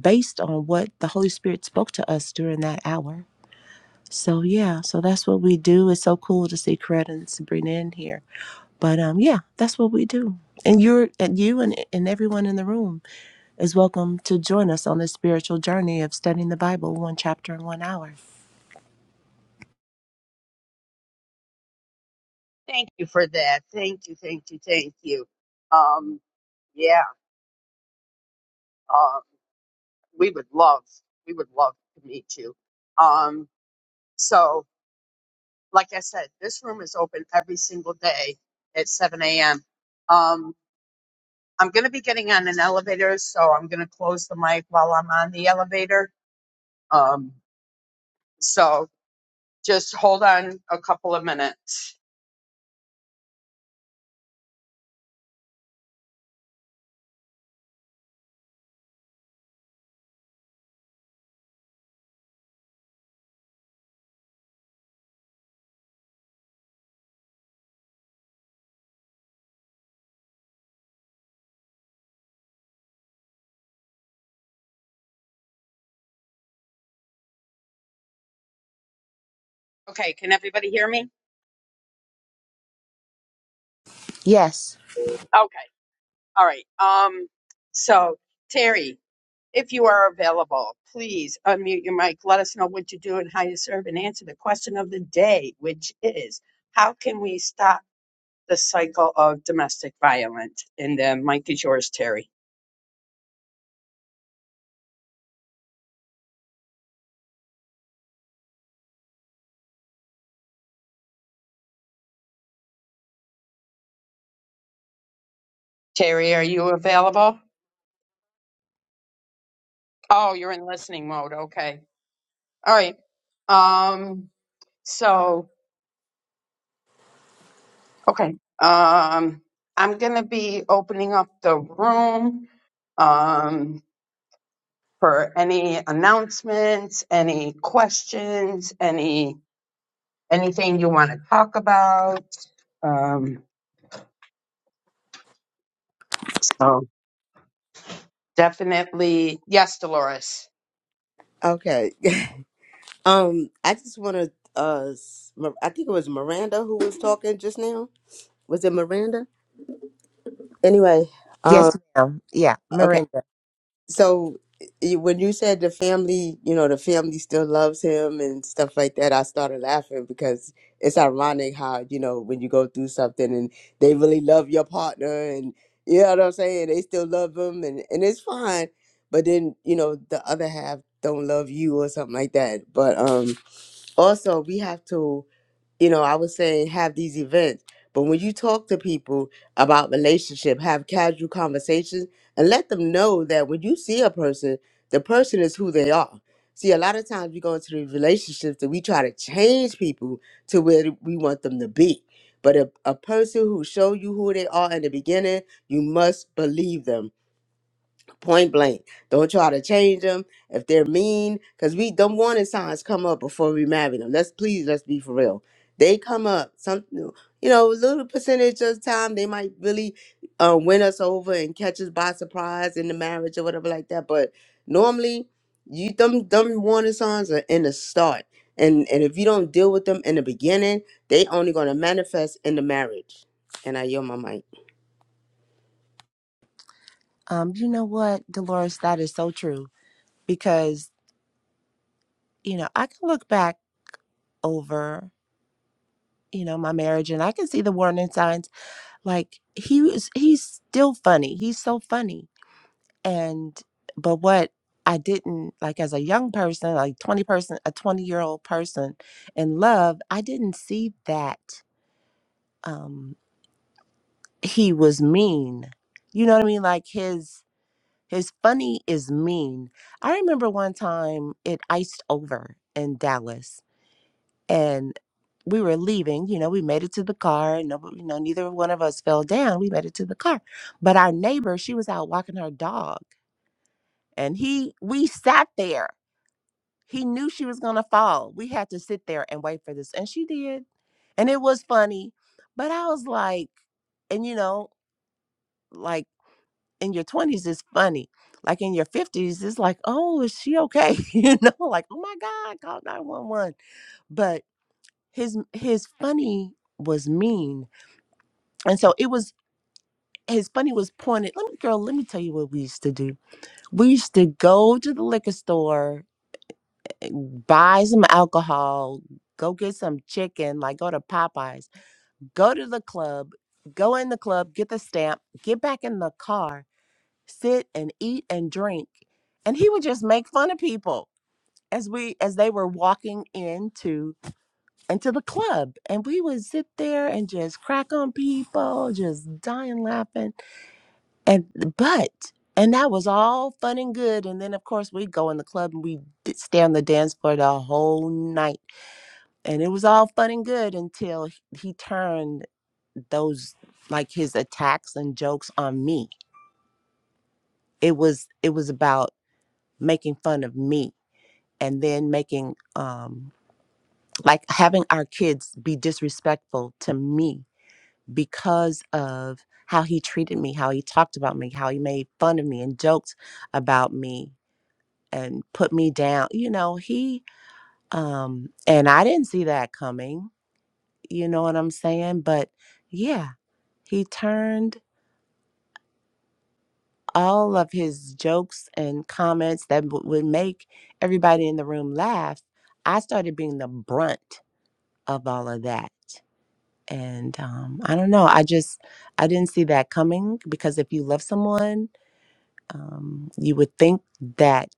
based on what the Holy Spirit spoke to us during that hour. So yeah, so that's what we do. It's so cool to see Coretta and Sabrina in here. But um yeah, that's what we do. And you're and you and, and everyone in the room is welcome to join us on this spiritual journey of studying the Bible one chapter in one hour.
Thank you for that. Thank you, thank you, thank you. Um, yeah, um, we would love, we would love to meet you. Um, so, like I said, this room is open every single day at 7 a.m. Um, I'm going to be getting on an elevator, so I'm going to close the mic while I'm on the elevator. Um, so, Just hold on a couple of minutes. Okay, can everybody hear me?
Yes.
Okay, all right. Um, so Terry, if you are available, please unmute your mic. Let us know what you do and how you serve, and answer the question of the day, which is how can we stop the cycle of domestic violence? And the mic is yours, Terry. Terry, are you available? Oh, you're in listening mode. Okay, all right. Um, so. Okay. Um, I'm going to be opening up the room um, for any announcements, any questions, any anything you want to talk about. Um, so definitely, yes, Dolores.
okay [laughs] um i just want to uh s- Mir- i think it was miranda who was talking just now was it Miranda? Anyway, um,
Yes, ma'am. Yeah,
okay.
Miranda.
So y- when you said the family, you know, the family still loves him and stuff like that, I started laughing because it's ironic how you know when you go through something and they really love your partner and you know what I'm saying, they still love them and and it's fine, but then you know the other half don't love you or something like that. But um, also we have to. you know, I was saying have these events, but when you talk to people about relationship, have casual conversations and let them know that when you see a person, the person is who they are. See, a lot of times we go into the relationships that we try to change people to where we want them to be. But a, a person who show you who they are in the beginning, you must believe them point blank. Don't try to change them if they're mean, because we do warning signs come up before we marry them. Let's please, let's be for real. They come up some, you know, a little percentage of time they might really uh, win us over and catch us by surprise in the marriage or whatever like that. But normally, you them them warning signs are in the start, and and if you don't deal with them in the beginning, they only gonna manifest in the marriage. And I yield my mic.
Um, you know what, Dolores, that is so true because, you know, I can look back over, you know, my marriage and I can see the warning signs. Like he was he's still funny. He's so funny. And but what I didn't like as a young person, like 20 person, a 20 year old person in love, I didn't see that. Um, he was mean. You know what I mean? Like his his funny is mean. I remember one time it iced over in Dallas and we were leaving, you know, we made it to the car. No, you know, neither one of us fell down. We made it to the car. But our neighbor, she was out walking her dog and he we sat there. He knew she was gonna fall. We had to sit there and wait for this. And she did. And it was funny. But I was like, and you know, like in your 20s is funny. Like in your 50s, it's like, oh, is she okay? [laughs] you know, like, oh my God, call 911. But his his funny was mean. And so it was his funny was pointed. Let me girl, let me tell you what we used to do. We used to go to the liquor store, and buy some alcohol, go get some chicken, like go to Popeyes, go to the club, go in the club, get the stamp, get back in the car sit and eat and drink and he would just make fun of people as we as they were walking into into the club and we would sit there and just crack on people just dying laughing and but and that was all fun and good and then of course we'd go in the club and we'd stay on the dance floor the whole night and it was all fun and good until he turned those like his attacks and jokes on me it was it was about making fun of me and then making um like having our kids be disrespectful to me because of how he treated me how he talked about me how he made fun of me and joked about me and put me down you know he um and i didn't see that coming you know what i'm saying but yeah he turned all of his jokes and comments that w- would make everybody in the room laugh i started being the brunt of all of that and um, i don't know i just i didn't see that coming because if you love someone um, you would think that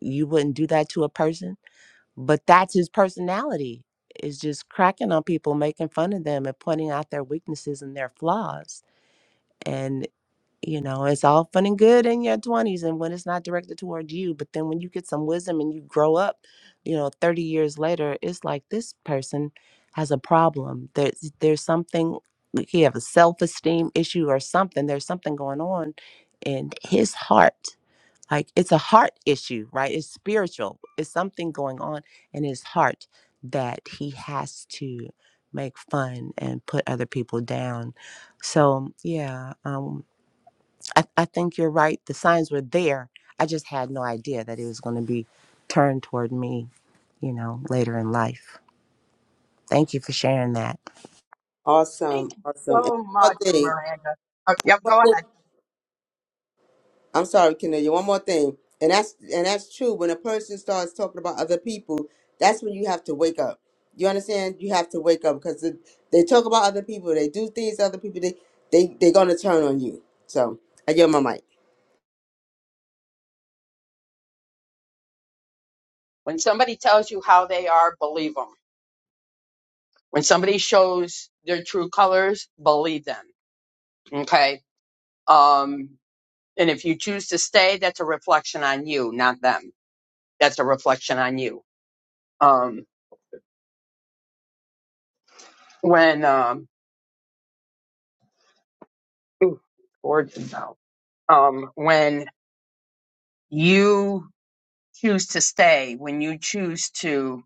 you wouldn't do that to a person but that's his personality is just cracking on people making fun of them and pointing out their weaknesses and their flaws And you know, it's all fun and good in your 20s and when it's not directed towards you. But then when you get some wisdom and you grow up, you know, 30 years later, it's like this person has a problem. There's, there's something, like he have a self esteem issue or something. There's something going on in his heart. Like it's a heart issue, right? It's spiritual. It's something going on in his heart that he has to make fun and put other people down. So, yeah. Um, I, I think you're right. The signs were there. I just had no idea that it was going to be turned toward me, you know, later in life. Thank you for sharing that.
Thank
Awesome,
you
awesome. And
so
one
much,
more
Miranda. Oh, yep, go
thing,
ahead.
I'm sorry, Cornelia. One more thing, and that's and that's true. When a person starts talking about other people, that's when you have to wake up. You understand? You have to wake up because they talk about other people. They do things to other people. They they they're gonna turn on you. So I give my mic.
When somebody tells you how they are, believe them. When somebody shows their true colors, believe them. Okay. Um, And if you choose to stay, that's a reflection on you, not them. That's a reflection on you. Um, when, um, ooh, gorgeous now. Um, when you choose to stay, when you choose to,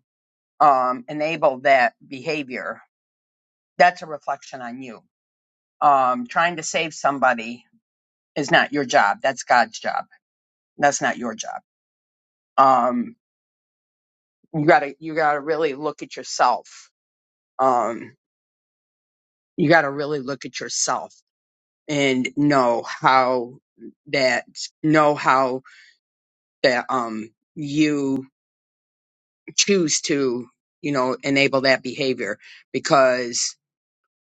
um, enable that behavior, that's a reflection on you. Um, trying to save somebody is not your job. That's God's job. That's not your job. Um, you gotta, you gotta really look at yourself. Um, you gotta really look at yourself and know how that know how that um you choose to you know enable that behavior because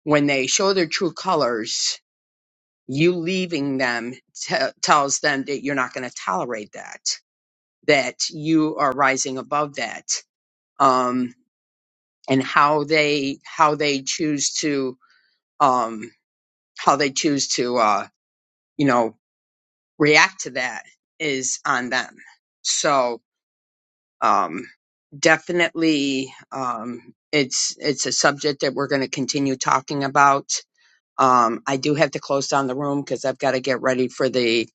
when they show their true colors you leaving them te- tells them that you're not going to tolerate that that you are rising above that um and how they how they choose to um how they choose to uh you know react to that is on them so um, definitely um, it's it's a subject that we're going to continue talking about. Um, I do have to close down the room because I've got to get ready for the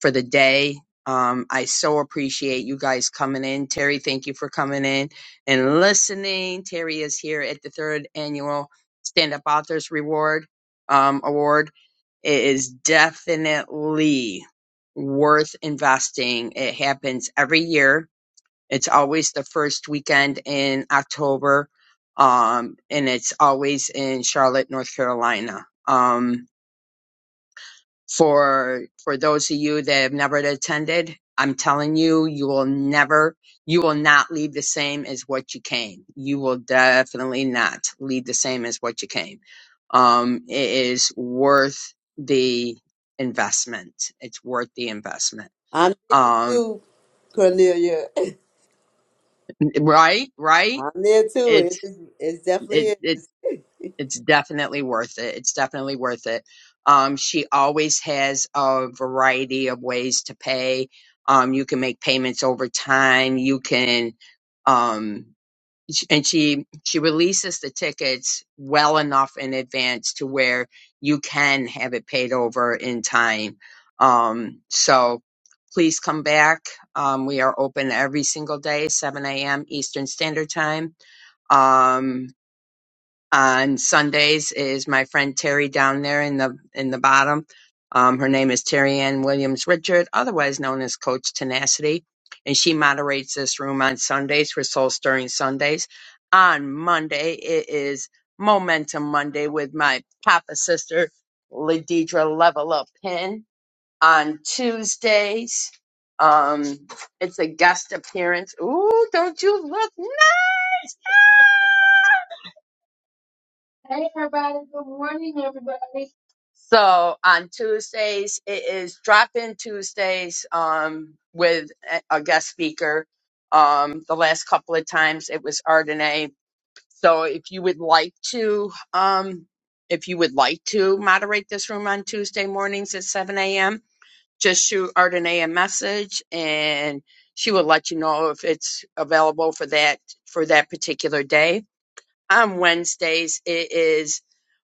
for the day. Um, I so appreciate you guys coming in. Terry, thank you for coming in and listening. Terry is here at the third annual Stand Up Authors Reward um, Award. It is definitely worth investing. It happens every year it's always the first weekend in October, um, and it's always in Charlotte, North Carolina. Um, for for those of you that have never attended, I'm telling you, you will never, you will not leave the same as what you came. You will definitely not leave the same as what you came. Um, it is worth the investment. It's worth the investment.
I'm
Um,
too, Cornelia.
right, right.
I'm there too.
It's
It is, it's definitely
it, it It's definitely worth it. It's definitely worth it. Um, she always has a variety of ways to pay. Um, you can make payments over time. You can, um, sh- and she she releases the tickets well enough in advance to where you can have it paid over in time. Um, so please come back. Um, we are open every single day, 7 a.m. Eastern Standard Time. Um, on Sundays is my friend Terry down there in the in the bottom. Um, her name is Terry Ann Williams Richard, otherwise known as Coach Tenacity, and she moderates this room on Sundays for Soul Stirring Sundays. On Monday, it is Momentum Monday with my Papa sister Ladidra Level Up Pin. On Tuesdays, um, it's a guest appearance. Ooh, don't you look nice? Hey everybody, good morning everybody. So on Tuesdays it is drop-in Tuesdays um with a a guest speaker. Um the last couple of times it was Ardenae. So if you would like to um if you would like to moderate this room on Tuesday mornings at 7 a.m., just shoot Ardenae a message and she will let you know if it's available for that for that particular day on Wednesdays. It is.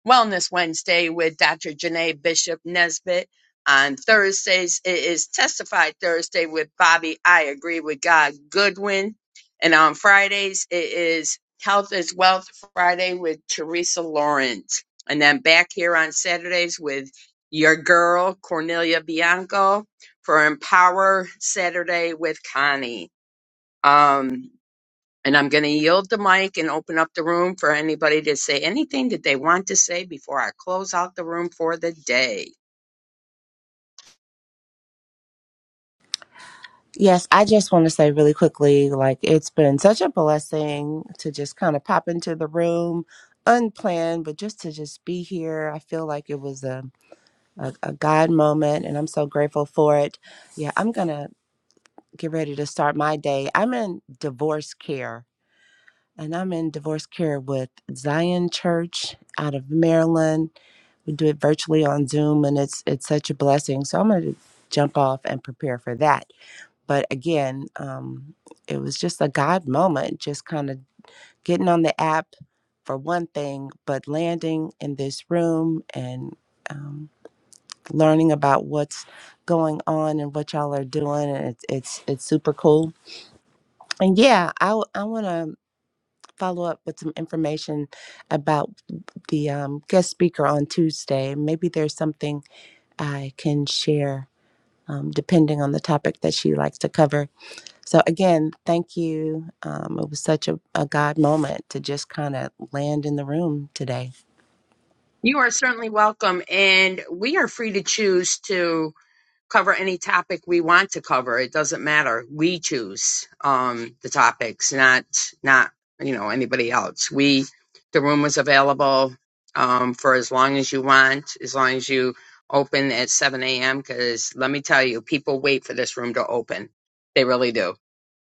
Wellness Wednesday with Dr. Janae Bishop Nesbitt. On Thursdays, it is Testify Thursday with Bobby I Agree with God Goodwin. And on Fridays, it is Health is Wealth Friday with Teresa Lawrence. And then back here on Saturdays with your girl, Cornelia Bianco, for Empower Saturday with Connie. Um, and I'm going to yield the mic and open up the room for anybody to say anything that they want to say before I close out the room for the day.
Yes, I just want to say really quickly like, it's been such a blessing to just kind of pop into the room unplanned, but just to just be here. I feel like it was a, a, a God moment, and I'm so grateful for it. Yeah, I'm going to get ready to start my day. I'm in divorce care and I'm in divorce care with Zion Church out of Maryland. We do it virtually on Zoom, and it's it's such a blessing. So I'm going to jump off and prepare for that. But again, um, it was just a God moment, just kind of getting on the app for one thing, but landing in this room and um, learning about what's going on and what y'all are doing, and it's it's it's super cool. And yeah, I w- I want to. follow up with some information about the um, guest speaker on Tuesday. Maybe there's something I can share. Um, depending on the topic that she likes to cover. So, again, thank you. Um, it was such a, a God moment to just kind of land in the room today.
You are certainly welcome, and we are free to choose to. cover any topic we want to cover. It doesn't matter. We choose um, the topics, not not you know anybody else. We the room was available um, for as long as you want, as long as you open at seven a.m. Because let me tell you, people wait for this room to open. They really do.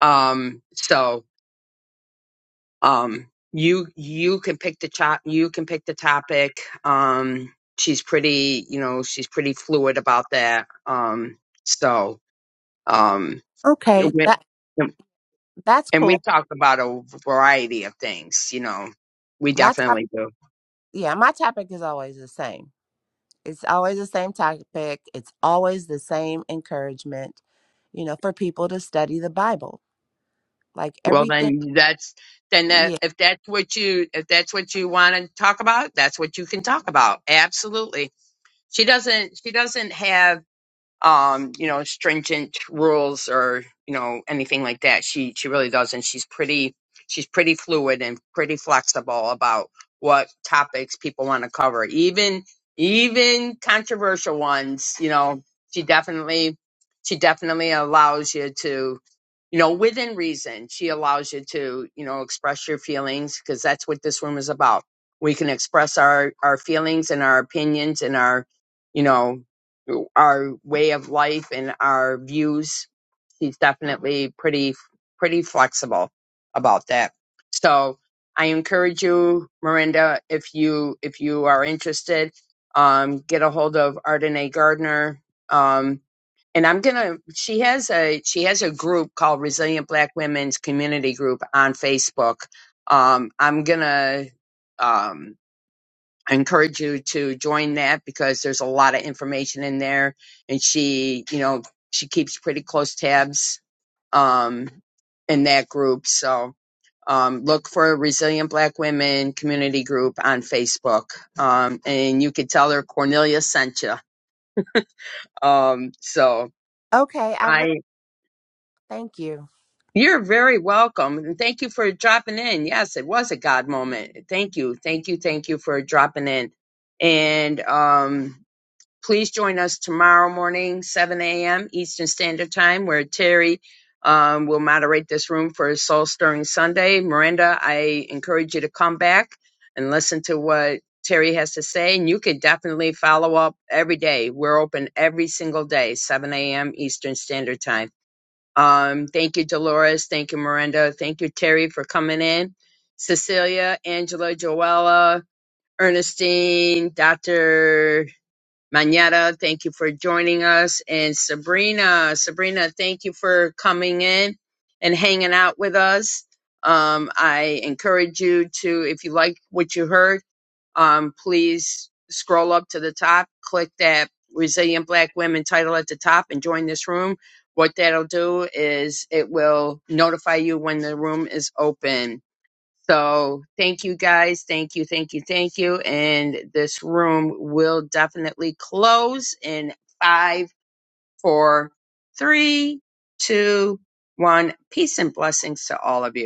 Um, so um, you you can pick the chop. You can pick the topic. Um, she's pretty, you know, she's pretty fluid about that. Um, so um,
Okay,
we-
that that's
and we
cool.
talk about a variety of things. You know, we
My topic,
definitely do.
yeah, my topic is always the same. It's always the same topic. It's always the same encouragement, you know, for people to study the Bible. Like
Well,
everything,
then that's then that, if that's what you if that's what you want to talk about, that's what you can talk about. Absolutely. She doesn't. She doesn't have. um, you know, stringent rules or, you know, anything like that. She she really doesn't. She's pretty she's pretty fluid and pretty flexible about what topics people want to cover. Even even controversial ones, you know, she definitely she definitely allows you to you know, within reason, she allows you to, you know, express your feelings because that's what this room is about. We can express our, our feelings and our opinions and our, you know, our way of life and our views. She's definitely pretty, pretty flexible about that. So I encourage you, Miranda, if you, if you are interested, um, get a hold of Ardenae Gardner. Um, and I'm gonna. She has a she has a group called Resilient Black Women's Community Group on Facebook. Um, I'm gonna um, encourage you to join that because there's a lot of information in there, and she, you know, she keeps pretty close tabs um, in that group. So um, look for Resilient Black Women Community Group on Facebook, um, and you could tell her Cornelia sent you. Um, so.
Okay, I will. Thank you.
You're very welcome. And thank you for dropping in. Yes, it was a God moment. Thank you. Thank you. Thank you for dropping in. And um, please join us tomorrow morning, 7 a.m. Eastern Standard Time, where Terry um, will moderate this room for Soul Stirring Sunday. Miranda, I encourage you to come back and listen to what Terry has to say. And you can definitely follow up every day. We're open every single day, 7 a.m. Eastern Standard Time. Um, thank you, Dolores. Thank you, Miranda. Thank you, Terry, for coming in. Cecilia, Angela, Joella, Ernestine, Dr. Manetta, thank you for joining us. And Sabrina, Sabrina, thank you for coming in and hanging out with us. Um, I encourage you to, if you like what you heard, um, please scroll up to the top, click that Resilient Black Women title at the top, and join this room. What that'll do is it will notify you when the room is open. So thank you guys. Thank you, thank you, thank you. And this room will definitely close in five, four, three, two, one. Peace and blessings to all of you.